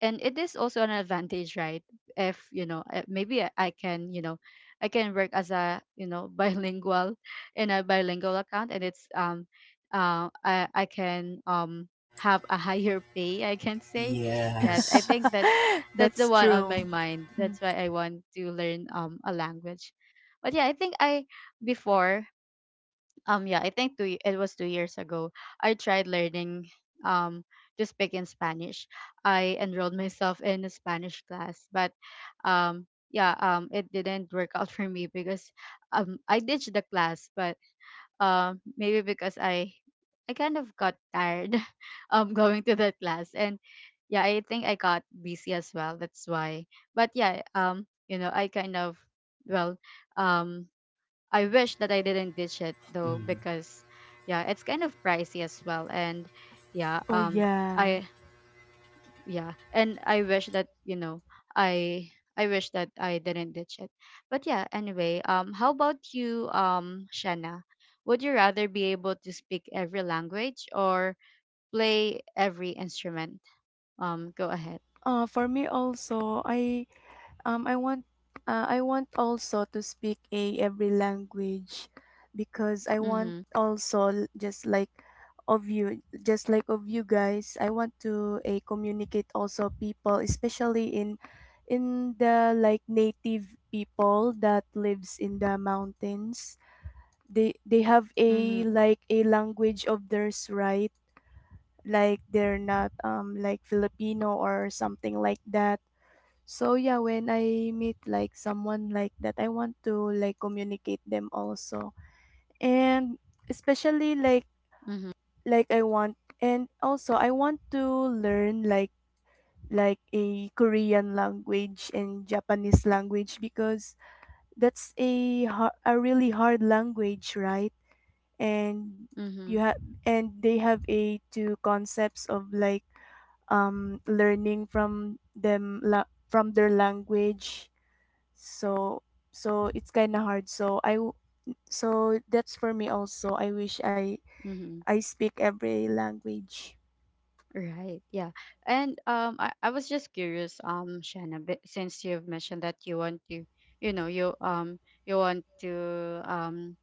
A: and it is also an advantage, right? If you know, uh, maybe i I can, you know, I can work as a, you know, bilingual, in a bilingual account, and it's um uh, i i can um have a higher pay, I can say. Yeah, I
C: Yes.
A: think that's that's
B: That's
A: the one on
B: true.
A: my mind.
B: Hmm.
A: That's why I want to learn um a language. But yeah, I think I, before, um yeah, I think two, y- it was two years ago, I tried learning um to speak in Spanish. I enrolled myself in a Spanish class, but um yeah, um it didn't work out for me because um I ditched the class. But um maybe because i i kind of got tired um going to that class, and yeah, I think I got busy as well. That's why, but yeah, um you know, I kind of, well, um I wish that I didn't ditch it, though,
C: Mm.
A: because yeah, it's kind of pricey as well. And yeah,
B: Oh
A: um
B: yeah.
A: I, yeah, and I wish that, you know, I I wish that I didn't ditch it. But yeah, anyway, um how about you, um Shanna? Would you rather be able to speak every language or play every instrument? Um, go ahead.
B: Uh for me also, I— um, I want uh, I want also to speak a every language, because I want
A: Mhm.
B: also l- just like of you— just like of you guys, I want to a communicate also people, especially in in the like native people that lives in the mountains. they they have a
A: Mhm.
B: like a language of theirs, right? Like they're not um like Filipino or something like that. So yeah, when I meet like someone like that, I want to like communicate them also. And especially like
A: Mhm.
B: like I want— and also I want to learn like like a Korean language and Japanese language, because that's a har- a really hard language, right? And you
A: Mhm.
B: have— and they have a two concepts of like um learning from them la- from their language. So so it's kind of hard, so I w- so that's for me also, I wish I
A: Mhm.
B: I speak every language.
A: Right. Yeah. And um I, I was just curious, um, Shanna, b- since you've mentioned that you want to, you know, you um you want to um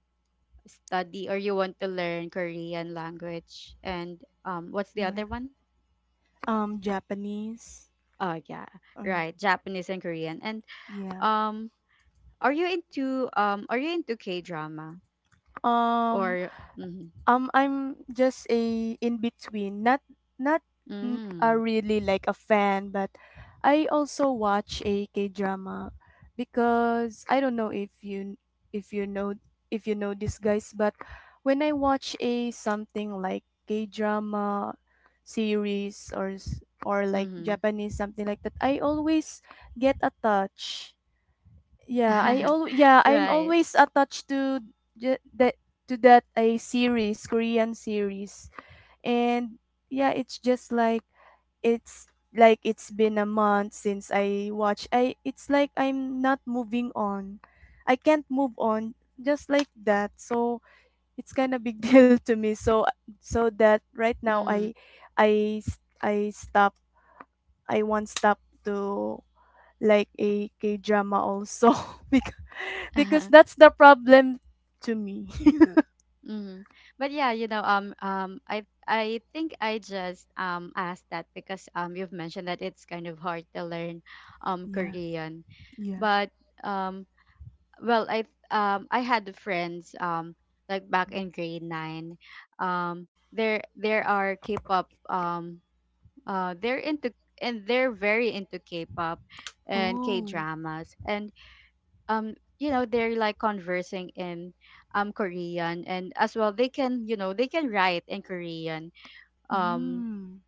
A: study, or you want to learn Korean language, and um what's the
B: Yeah.
A: other one?
B: Um japanese.
A: Oh yeah,
B: Or
A: right, Japanese and Korean. And
B: yeah.
A: um are you into um are you into K drama?
B: Um.
A: Or mm-hmm.
B: Um, I'm just a in between, not not n- a
A: Mm-hmm.
B: really like a fan, but I also watch a K drama because I don't know if you— if you know— if you know these guys, but when I watch a something like K drama series or s- or like Japanese something like that, I always get a touch— yeah, I al- yeah, I'm
A: Right.
B: always attached to j- that to that a series, Korean series. And yeah, it's just like it's— like it's been a month since I watch. I— it's like I'm not moving on. I can't move on just like that. So it's kind of big deal to me. So so that right now
A: Mm-hmm.
B: I— I s- I stop— I want stop to like a K-drama also, because, because that's the problem to me.
A: Mm-hmm. But yeah, you know, um, um, I I think I just um asked that because um you've mentioned that it's kind of hard to learn um
B: Yeah.
A: Korean.
B: Yeah.
A: But um, well, I um I had friends um like back in grade nine, um there there are K-pop, um uh they're into, and they're very into K-pop and
B: Oh.
A: K-dramas, and um you know, they're like conversing in um Korean, and as well they can, you know, they can write in Korean, um
B: Mm.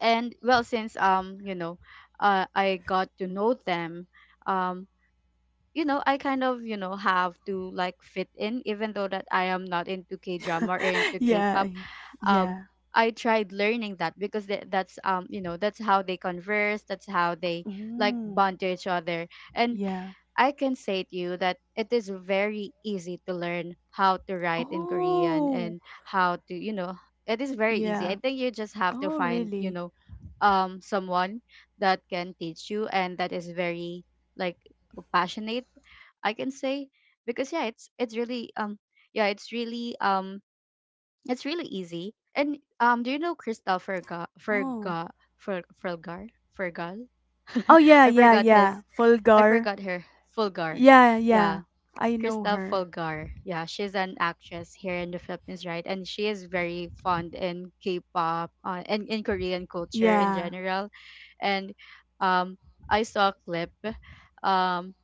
A: and well, since um you know, uh, I got to know them, um you know, I kind of, you know, have to like fit in, even though that I am not into k drama or into k
B: Yeah.
A: pop
B: Yeah.
A: um
B: Yeah.
A: I tried learning that because tha- that's, um you know, that's how they converse, that's how they like
B: Mm.
A: bond to each other. And
B: Yeah.
A: I can say to you that it is very easy to learn how to write in Korean,
B: Oh.
A: and how to, you know, it is very easy. I
B: Yeah.
A: think you just have to
B: Oh,
A: find, you
B: really?
A: know, um someone that can teach you, and that is very, like, passionate, I can say, because yeah, it's it's really um yeah, it's really um it's really easy. And um do you know Christopher Ferga
B: Oh.
A: Ferga Fer Fergar Fergal?
B: Oh, yeah,
A: I
B: yeah,
A: forgot his
B: yeah.
A: I
B: Fulgar.
A: forgot her. Fulgar.
B: Yeah, yeah.
A: Yeah.
B: I know
A: Krista
B: her.
A: Fulgar. Yeah, she's an actress here in the Philippines, right? And she is very fond in K-pop, uh, and in Korean culture in
B: Yeah.
A: general. And um, I saw a clip. Um,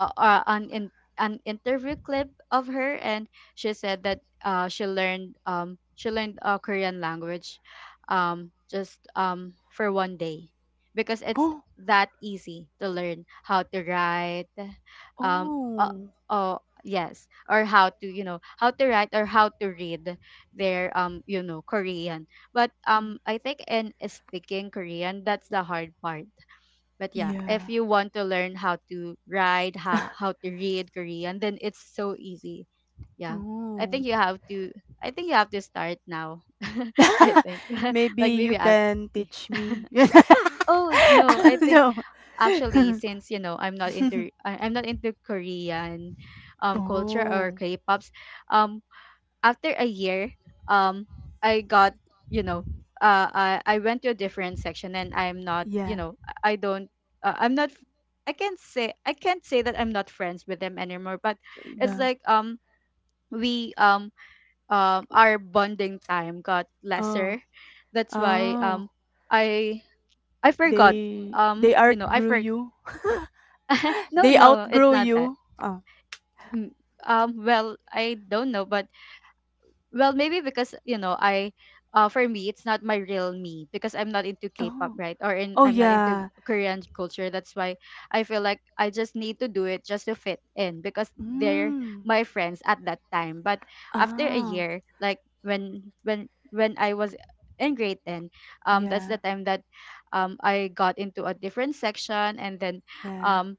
A: uh, uh, an in, an interview clip of her, and she said that uh, she learned um she learned, uh, Korean language um just um for one day, because it's
B: Oh.
A: that easy to learn how to write, um uh,
B: Oh.
A: oh yes, or how to, you know, how to write or how to read their, um you know, Korean. But
B: Mm.
A: um I think in speaking Korean, that's the hard part. But yeah, if
B: Yeah.
A: you want to learn how to write, how, how to read Korean, then it's so easy. Yeah. I think
B: Oh.
A: you have to I think you have to start now. I think like
B: Maybe
A: maybe
B: you
A: after
B: can teach me.
A: Oh no, I think
B: No.
A: actually since, you know, I'm not into I- I'm not into Korean um culture or
B: Oh,
A: K-pops. Um After a year, um, I got, you know, uh, I I went to a different section, and I'm not, you
B: yeah.
A: know, I I don't, uh, I'm not, I can't say I can't say that I'm not friends with them anymore. But it's
B: Iba.
A: like, um, we, um, um, our bonding time got
B: Oh.
A: lesser. That's why,
B: Oh.
A: um, I I forgot,
B: They
A: um,
B: they
A: you know, I
B: outgrew
A: forgot.
B: you.
A: No,
B: They
A: no, it's
B: outgrow
A: not that.
B: you. Oh.
A: Mm, Um, well, I don't know, but, well, maybe because, you know, I, uh for me it's not my real me, because I'm not into K-pop,
B: Oh.
A: right? Or in,
B: Oh
A: I'm not into
B: yeah.
A: Korean culture. That's why I feel like I just need to do it just to fit in, because they're
B: Mm.
A: my friends at that time. But after a
B: Oh.
A: year, like when when when I was in grade ten, um that's
B: Yeah.
A: the time that um I got into a different section, and then
B: Yeah.
A: um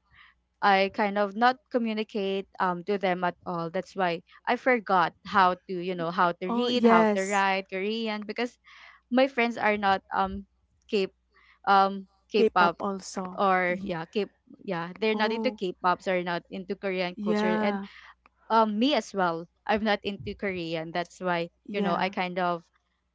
A: I kind of not communicate um to them at all. That's why I forgot how to, you know, how to
B: Oh
A: read, how to
B: yes.
A: write Korean, because my friends are not um K, um
B: K-pop
A: K-pop,
B: also.
A: or
B: Ye-
A: yeah, K, yeah, they're not into
B: Oh.
A: K-pops or not into Korean culture. And
B: Yeah.
A: um me as well, I'm not into Korean. That's why, you know, I
B: Yeah.
A: kind of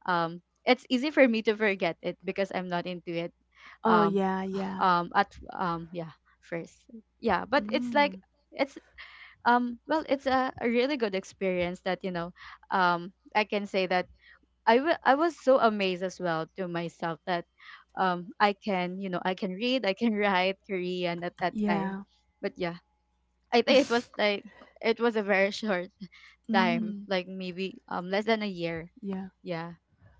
A: um it's easy for me to forget it because I'm not into it.
B: Oh
A: Um
B: yeah, yeah.
A: um at um yeah, first, yeah, but it's like,
B: Mm.
A: it's, um well it's a, a really good experience that, you know, um I can say that I wa- I was so amazed as well to myself, that um I can, you know, I can read, I can write Korean at that time.
B: Yeah.
A: But yeah, I think it was like, it was a very short time,
B: Mm.
A: like maybe um less than a year.
B: Yeah.
A: Yeah,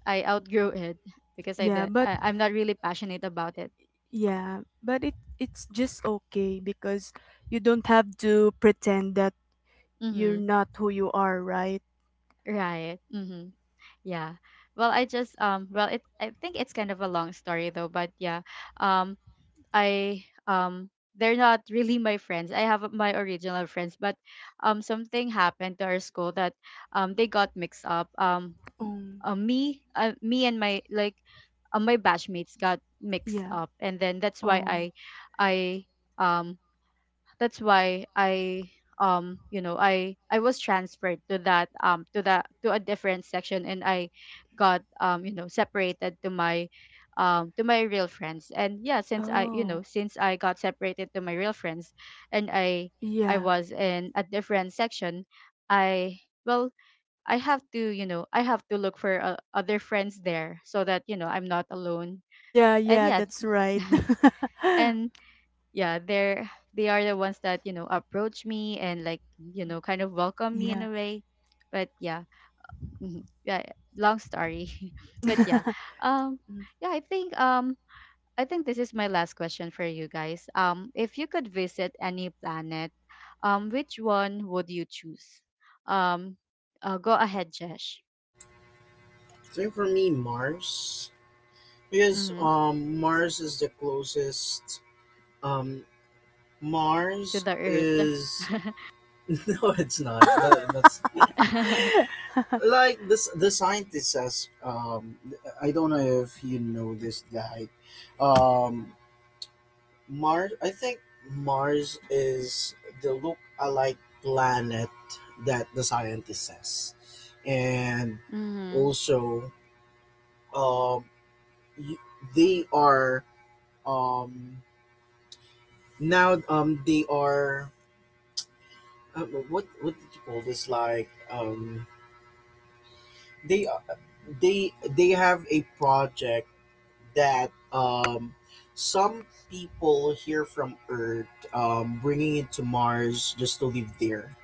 A: I outgrew it, because I
B: Yeah,
A: didn't
B: but
A: I, I'm not really passionate about it.
B: yeah, but it it's just okay, because you don't have to pretend that you're
A: Mm-hmm.
B: not who you are, right?
A: Right. Mm-hmm. Yeah. Well, I just um well, it, I think it's kind of a long story though, but yeah. Um I, um they're not really my friends. I have my original friends, but um something happened to our school, that um they got mixed up. Um
B: Um,
A: uh, me uh, me and my like uh, my batchmates got mixed
B: yeah.
A: up, and then that's why
B: Oh.
A: I I um that's why I, um you know I I was transferred to that um to that to a different section, and I got, um you know separated to my um to my real friends. And yeah, since I, you know
B: Oh.
A: since I got separated to my real friends, and I I
B: Yeah.
A: was in a different section. I well I have to, you know I have to look for uh, other friends there so that, you know I'm not alone.
B: Yeah,
A: And
B: yeah,
A: yeah.
B: that's right.
A: And yeah, they're, they are the ones that, you know approach me and like, you know kind of welcome me in
B: Yeah.
A: a way. But yeah. Mhm, yeah. Long story, but yeah. um yeah, I think, um I think this is my last question for you guys. Um if you could visit any planet, um which one would you choose? um uh, Go ahead, Jesh.
C: So for me, Mars, because
A: Mm-hmm.
C: um, Mars is the closest um,
A: To
C: mars
A: the Earth.
C: is no it's not, no, that's like this the scientist says. um I don't know if you know this guy. um Mars, I think Mars is the look-alike planet that the scientist says, and
A: Mm-hmm.
C: also, um, y- they are um now um they are uh, what what did you call this, like um they are- they they have a project that um some people here from Earth um bringing it to Mars just to live there.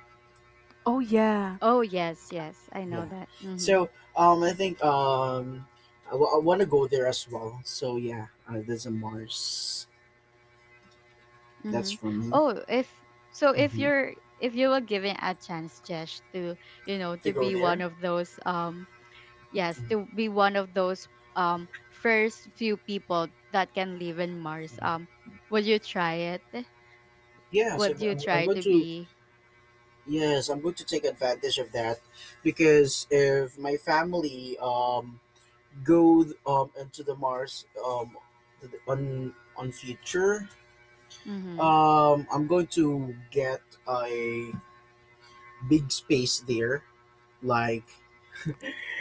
B: Oh yeah.
A: Oh yes, yes, I know
C: Yeah.
A: that. Mm-hmm.
C: So um, I think um, I w- I want to go there as well. So yeah, uh, there's a Mars. That's
A: Mm-hmm.
C: for me.
A: Oh, if so, if
C: hmm
A: you're, if you were given a chance, Jesh, to, you know
C: to
A: to
C: go
A: be one
C: there.
A: of those um yes
C: Mhm.
A: to be one of those, um, first few people that can live in Mars, um, would you try it?
C: Yeah. So
A: Would you
C: I'm, I'm
A: try
C: going
A: to
C: to,
A: be—
C: yes, I'm going to take advantage of that because if my family um go um into the Mars um on on future
A: mm-hmm.
C: um I'm going to get a big space there like.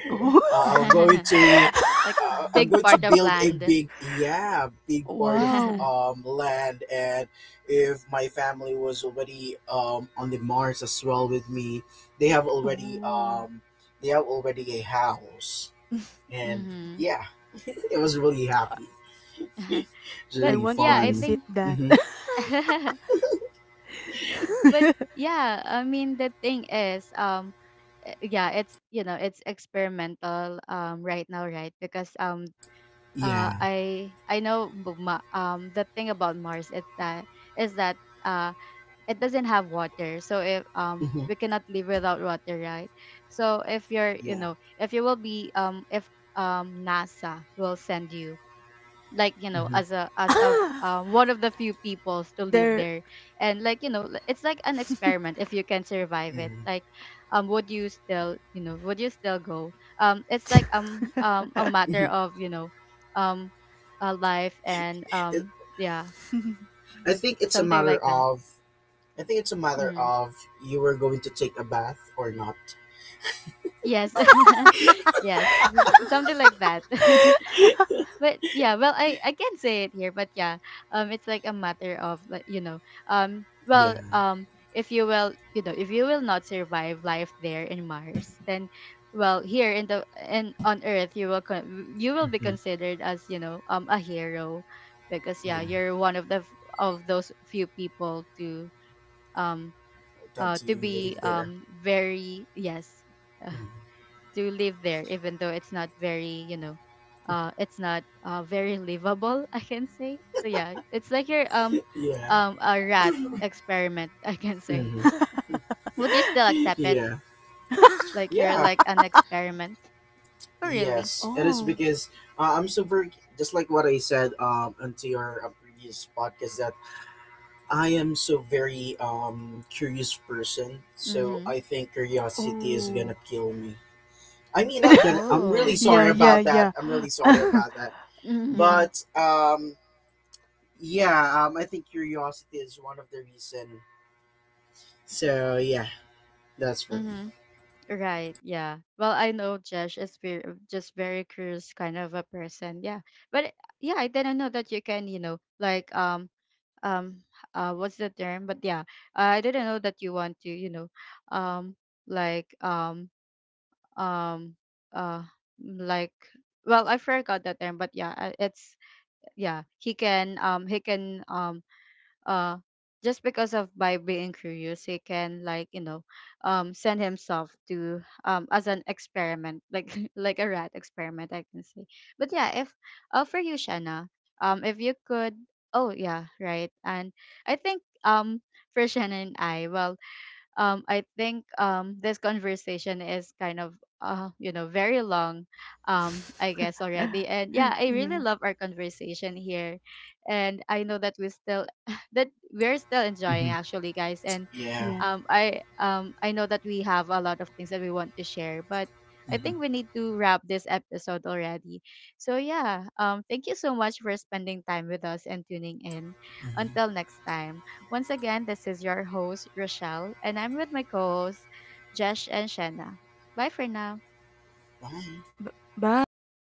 B: Oh.
C: Uh, I'm going to
A: Like
C: uh, I'm
A: big
C: going to
A: part of
C: build a
A: land?
C: big, yeah big part of
B: Wow.
C: um, land, and if my family was already um, on the Mars as well with me, they have already
B: Oh.
C: um, they have already a house, and
A: Mm-hmm.
C: yeah it was really
B: I—
C: happy. It's
B: I
A: But
C: really
B: want to
A: yeah, I
C: fun.
B: visit
A: think.
B: that.
C: hmm
A: But yeah, I mean, the thing is, um uh, yeah, it's, you know it's experimental, um, right now, right? Because um uh
C: yeah
A: i i know, bu- ma- um the thing about Mars is that is that, uh, it doesn't have water. So if, um,
C: hmm
A: we cannot live without water, right? So if you're, you
C: yeah
A: know if you will be, um, if, um, NASA will send you, like, you know
C: hmm
A: as a, as of
B: Ah,
A: uh, one of the few peoples to live
B: there.
A: there, and like, you know l- it's like an experiment if you can survive it,
C: hmm
A: like, um, would you still, you know would you still go? Um, it's like um um a matter of, you know um, a life and
C: it,
A: um, yeah,
C: I think it's a
A: something
C: matter
A: like that.
C: of, I think it's a matter
A: Hmm.
C: of you were going to take a bath or not.
A: Yes, yes, it's- it's something like that. But yeah, well, i i can say it here, but yeah, um, it's like a matter of, like, you know, um well
C: Yeah.
A: um if you will, you know if you will not survive life there in Mars, then, well, here in the in on Earth, you will con- you will be
C: hmm
A: considered as, you know um, a hero. Because yeah,
C: Yeah.
A: you're one of the f- of those few people to, um, uh
C: That
A: to
C: you
A: be,
C: live there.
A: um, very, yes,
C: Mm.
A: to live there, even though it's not very, you know, uh, it's not uh, very livable, I can say. So yeah, it's like your, um
C: Yeah.
A: um a rat experiment, I can say.
C: hmm
A: Would you still accept it?
C: Yeah.
A: Like you're
C: Yeah.
A: like an experiment? Oh really?
C: Yes. It is
B: Oh.
C: because uh, I'm so very, just like what I said um, until your uh, previous podcast, that I am so very um, curious person. So
A: Mm-hmm.
C: I think curiosity is gonna
B: Oh.
C: kill me. I mean, not gonna. I'm really
A: Oh.
B: Yeah,
C: sorry
B: yeah,
A: Mm-hmm.
C: about that.
B: yeah.
C: I'm really sorry about that.
A: Mm-hmm.
B: Yeah.
C: But um, yeah, um, I think curiosity is one of the reason. So yeah, that's for me.
A: Mm-hmm. Right. Yeah. Well, I know Josh is very, just very curious kind of a person. Yeah. But yeah, I didn't know that you can, you know, like, um um uh what's the term, but yeah, I didn't know that you want to, you know, um like um um uh like well, I forgot that term, but yeah, I- it's, yeah, he can, um he can, um uh just because of by being curious, he can, like, you know, um, send himself to, um, as an experiment, like like a rat experiment, I can say. But yeah, if, uh for you, Shanna, um, if you could— oh yeah, right. And I think, um, for Shanna and I, well um, I think, um, this conversation is kind of, uh, you know, very long, um, I guess already. And yeah, I really
B: Yeah,
A: love our conversation here, and I know that we still that we're still enjoying
C: hmm
A: actually, guys. And
C: Yeah.
B: yeah.
A: um, I um, I know that we have a lot of things that we want to share, but I
C: hmm
A: think we need to wrap this episode already. So yeah, um, thank you so much for spending time with us and tuning in. Until
C: hmm
A: next time. Once again, this is your host, Rochelle, and I'm with my co hosts, Jesh and Shanna. Bye for now.
C: Bye.
B: B- bye.